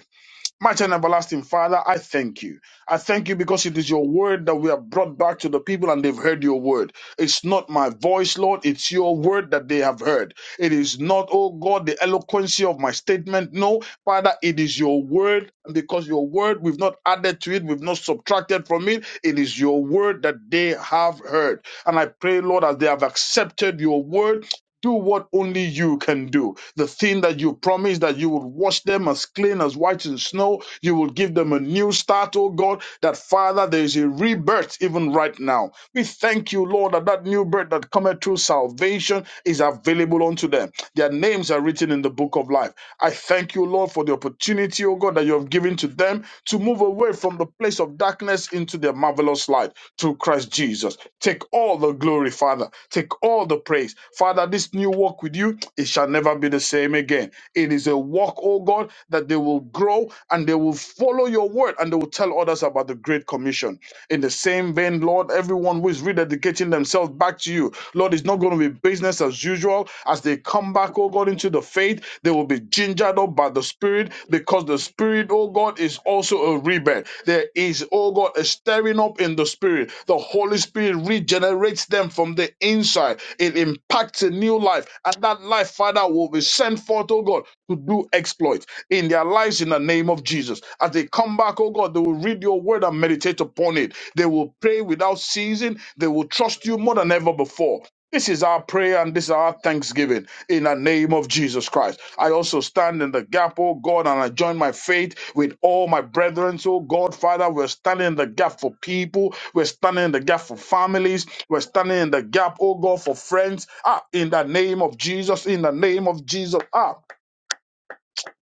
S4: Mighty and everlasting Father, I thank you. I thank you because it is your word that we have brought back to the people and they've heard your word. It's not my voice, Lord. It's your word that they have heard. It is not, oh God, the eloquency of my statement. No, Father, it is your word. And because your word, we've not added to it, we've not subtracted from it. It is your word that they have heard. And I pray, Lord, as they have accepted your word, do what only you can do. The thing that you promised that you would wash them as clean as white as snow, you will give them a new start, oh God, that Father, there is a rebirth even right now. We thank you, Lord, that that new birth that cometh through salvation is available unto them. Their names are written in the book of life. I thank you, Lord, for the opportunity, oh God, that you have given to them to move away from the place of darkness into their marvelous light to Christ Jesus. Take all the glory, Father. Take all the praise. Father, this new walk with you, it shall never be the same again. It is a walk, oh God, that they will grow and they will follow your word and they will tell others about the Great Commission. In the same vein, Lord, everyone who is rededicating themselves back to you, Lord, it's not going to be business as usual. As they come back, oh God, into the faith, they will be gingered up by the Spirit because the Spirit, oh God, is also a rebirth. There is, oh God, a stirring up in the Spirit. The Holy Spirit regenerates them from the inside. It impacts a new life, and that life, Father, will be sent forth, oh God, to do exploits in their lives in the name of Jesus. As they come back, oh God, they will read your word and meditate upon it. They will pray without ceasing. They will trust you more than ever before. This is our prayer and this is our thanksgiving in the name of Jesus Christ. I also stand in the gap, oh God, and I join my faith with all my brethren. So, God, Father, we're standing in the gap for people. We're standing in the gap for families. We're standing in the gap, oh God, for friends. Ah, in the name of Jesus, in the name of Jesus. Ah,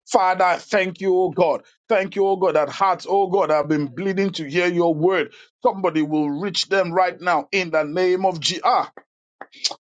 S4: Father, I thank you, oh God. Thank you, oh God, that hearts, oh God, have been bleeding to hear your word. Somebody will reach them right now in the name of G. Ah,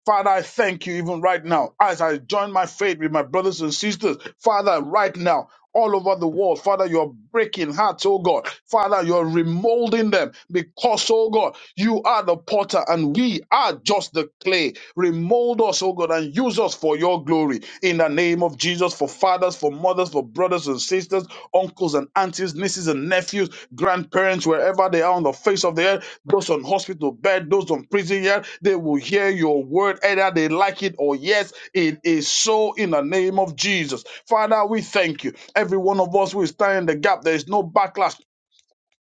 S4: Father, I thank you even right now as I join my faith with my brothers and sisters. Father, right now, all over the world, Father, you're breaking hearts, oh God. Father, you're remolding them because, oh God, you are the potter and we are just the clay. Remold us, oh God, and use us for your glory in the name of Jesus. For for fathers, for mothers, for brothers and sisters, uncles and aunties, nieces and nephews, grandparents, wherever they are on the face of the earth, those on hospital bed, those on prison yard, they will hear your word, either they like it or yes, it is so in the name of Jesus. Father, we thank you. Every one of us will stand in the gap. There is no backlash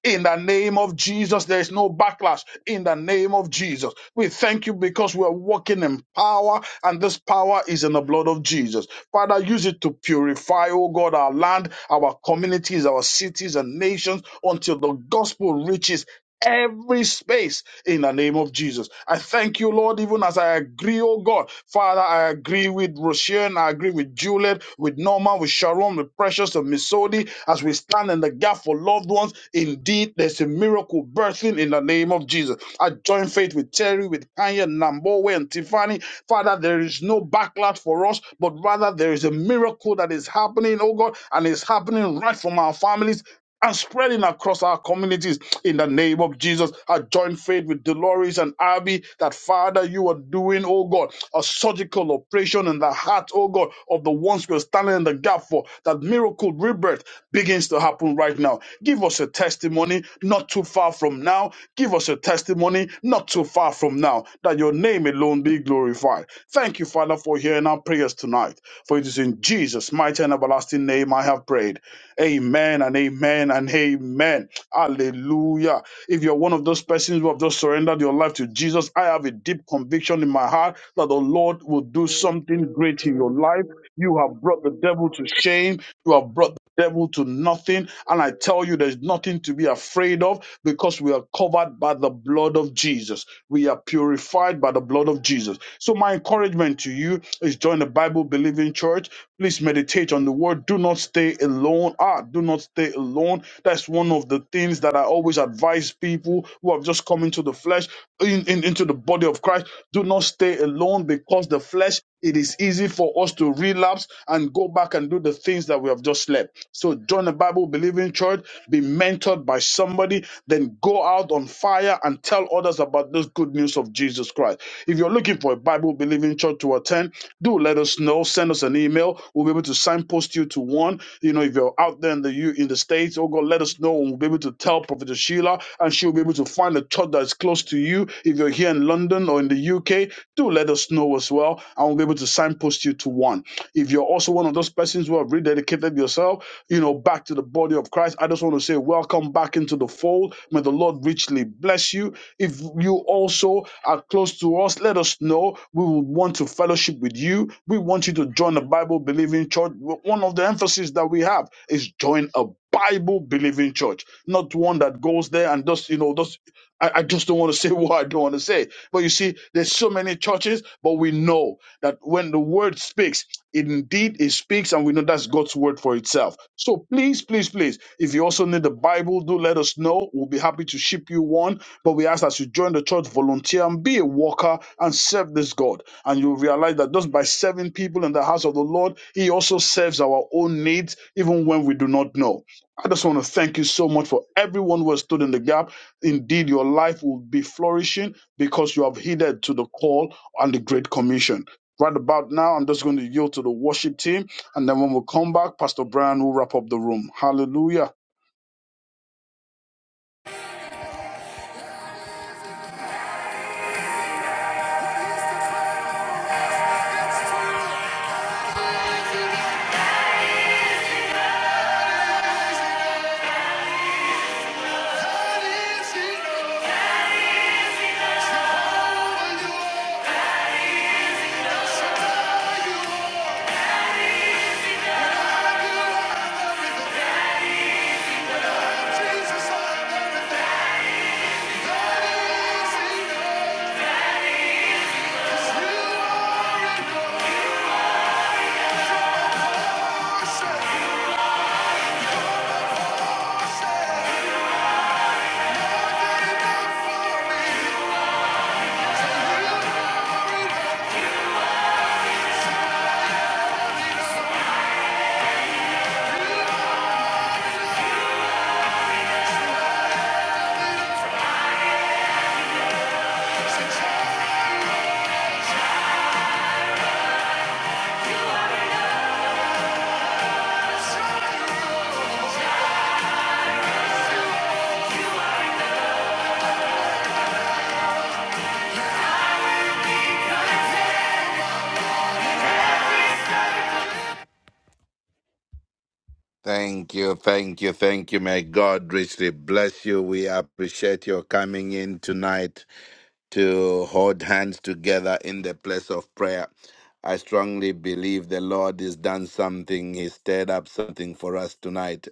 S4: in the name of Jesus, there is no backlash. In the name of Jesus, we thank you because we are walking in power, and this power is in the blood of Jesus. Father, use it to purify, oh God, our land, our communities, our cities, and nations until the gospel reaches every space in the name of Jesus. I thank you, Lord, even as I agree, oh God. Father, I agree with Roshan, I agree with Juliet, with Norma, with Sharon, with Precious, and Miss Sodi, as we stand in the gap for loved ones. Indeed, there's a miracle birthing in the name of Jesus. I join faith with Terry, with Kanye, Nambowe, and Tiffany. Father, there is no backlash for us, but rather there is a miracle that is happening, oh God, and it's happening right from our families and spreading across our communities in the name of Jesus. I join faith with Dolores and Abby that Father, you are doing, oh God, a surgical operation in the heart, oh God, of the ones we're standing in the gap for. That miracle rebirth begins to happen right now. Give us a testimony not too far from now. Give us a testimony not too far from now that your name alone be glorified. Thank you, Father, for hearing our prayers tonight. For it is in Jesus' mighty and everlasting name I have prayed. Amen and amen and amen. Hallelujah. If you're one of those persons who have just surrendered your life to Jesus, I have a deep conviction in my heart that the Lord will do something great in your life. You have brought the devil to shame. You have brought devil to nothing. And I tell you, there's nothing to be afraid of because we are covered by the blood of Jesus. We are purified by the blood of Jesus. So my encouragement to you is join the Bible believing church. Please meditate on the word. Do not stay alone. Ah, do not stay alone. That's one of the things that I always advise people who have just come into the flesh, in, in- into the body of Christ. Do not stay alone because the flesh, it is easy for us to relapse and go back and do the things that we have just left. So join a Bible believing church, be mentored by somebody, then go out on fire and tell others about this good news of Jesus Christ. If you're looking for a Bible believing church to attend, do let us know. Send us an email. We'll be able to signpost you to one. You know, if you're out there in the U in the States, oh God, let us know and we'll be able to tell Prophet Sheila and she'll be able to find a church that is close to you. If you're here in London or in the UK, do let us know as well. And we'll be able to signpost you to one. If you're also one of those persons who have rededicated yourself, you know, back to the body of Christ. I just want to say, welcome back into the fold. May the Lord richly bless you. If you also are close to us, let us know. We will want to fellowship with you. We want you to join the Bible believing church. One of the emphasis that we have is join a Bible believing church, not one that goes there and just, you know, just. I, I just don't want to say what I don't want to say. But you see, there's so many churches, but we know that when the word speaks, indeed it speaks, and we know that's God's word for itself. So please, please, please, if you also need the Bible, do let us know. We'll be happy to ship you one. But we ask that you join the church, volunteer, and be a worker and serve this God. And you'll realize that just by serving people in the house of the Lord, He also serves our own needs, even when we do not know. I just want to thank you so much for everyone who has stood in the gap. Indeed, your life will be flourishing because you have heeded to the call and the Great Commission. Right about now, I'm just going to yield to the worship team, and then when we come back, Pastor Brian will wrap up the room. Hallelujah.
S1: just Thank you.
S2: Thank you, thank you, thank you. May God richly bless you. We appreciate your coming in tonight to hold hands together in the place of prayer. I strongly believe the Lord has done something. He stirred up something for us tonight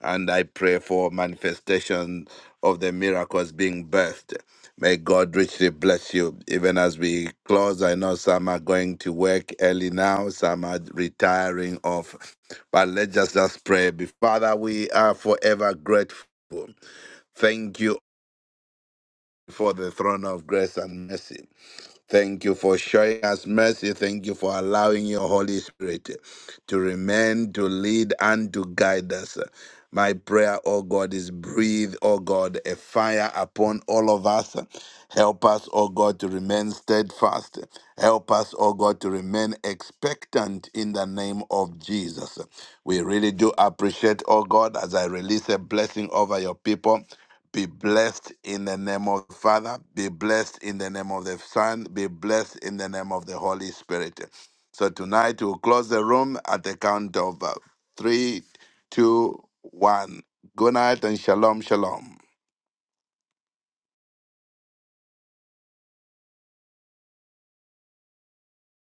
S2: and I pray for manifestation of the miracles being birthed. May God richly bless you. Even as we close, I know some are going to work early now, some are retiring off. But let's just, just pray. Father, we are forever grateful. Thank you for the throne of grace and mercy. Thank you for showing us mercy. Thank you for allowing your Holy Spirit to remain, to lead, and to guide us. My prayer, oh God, is breathe, oh God, a fire upon all of us. Help us, oh God, to remain steadfast. Help us, oh God, to remain expectant in the name of Jesus. We really do appreciate, oh God, as I release a blessing over your people. Be blessed in the name of the Father. Be blessed in the name of the Son. Be blessed in the name of the Holy Spirit. So tonight we'll close the room at the count of uh, three, two, one. Good night and shalom, shalom.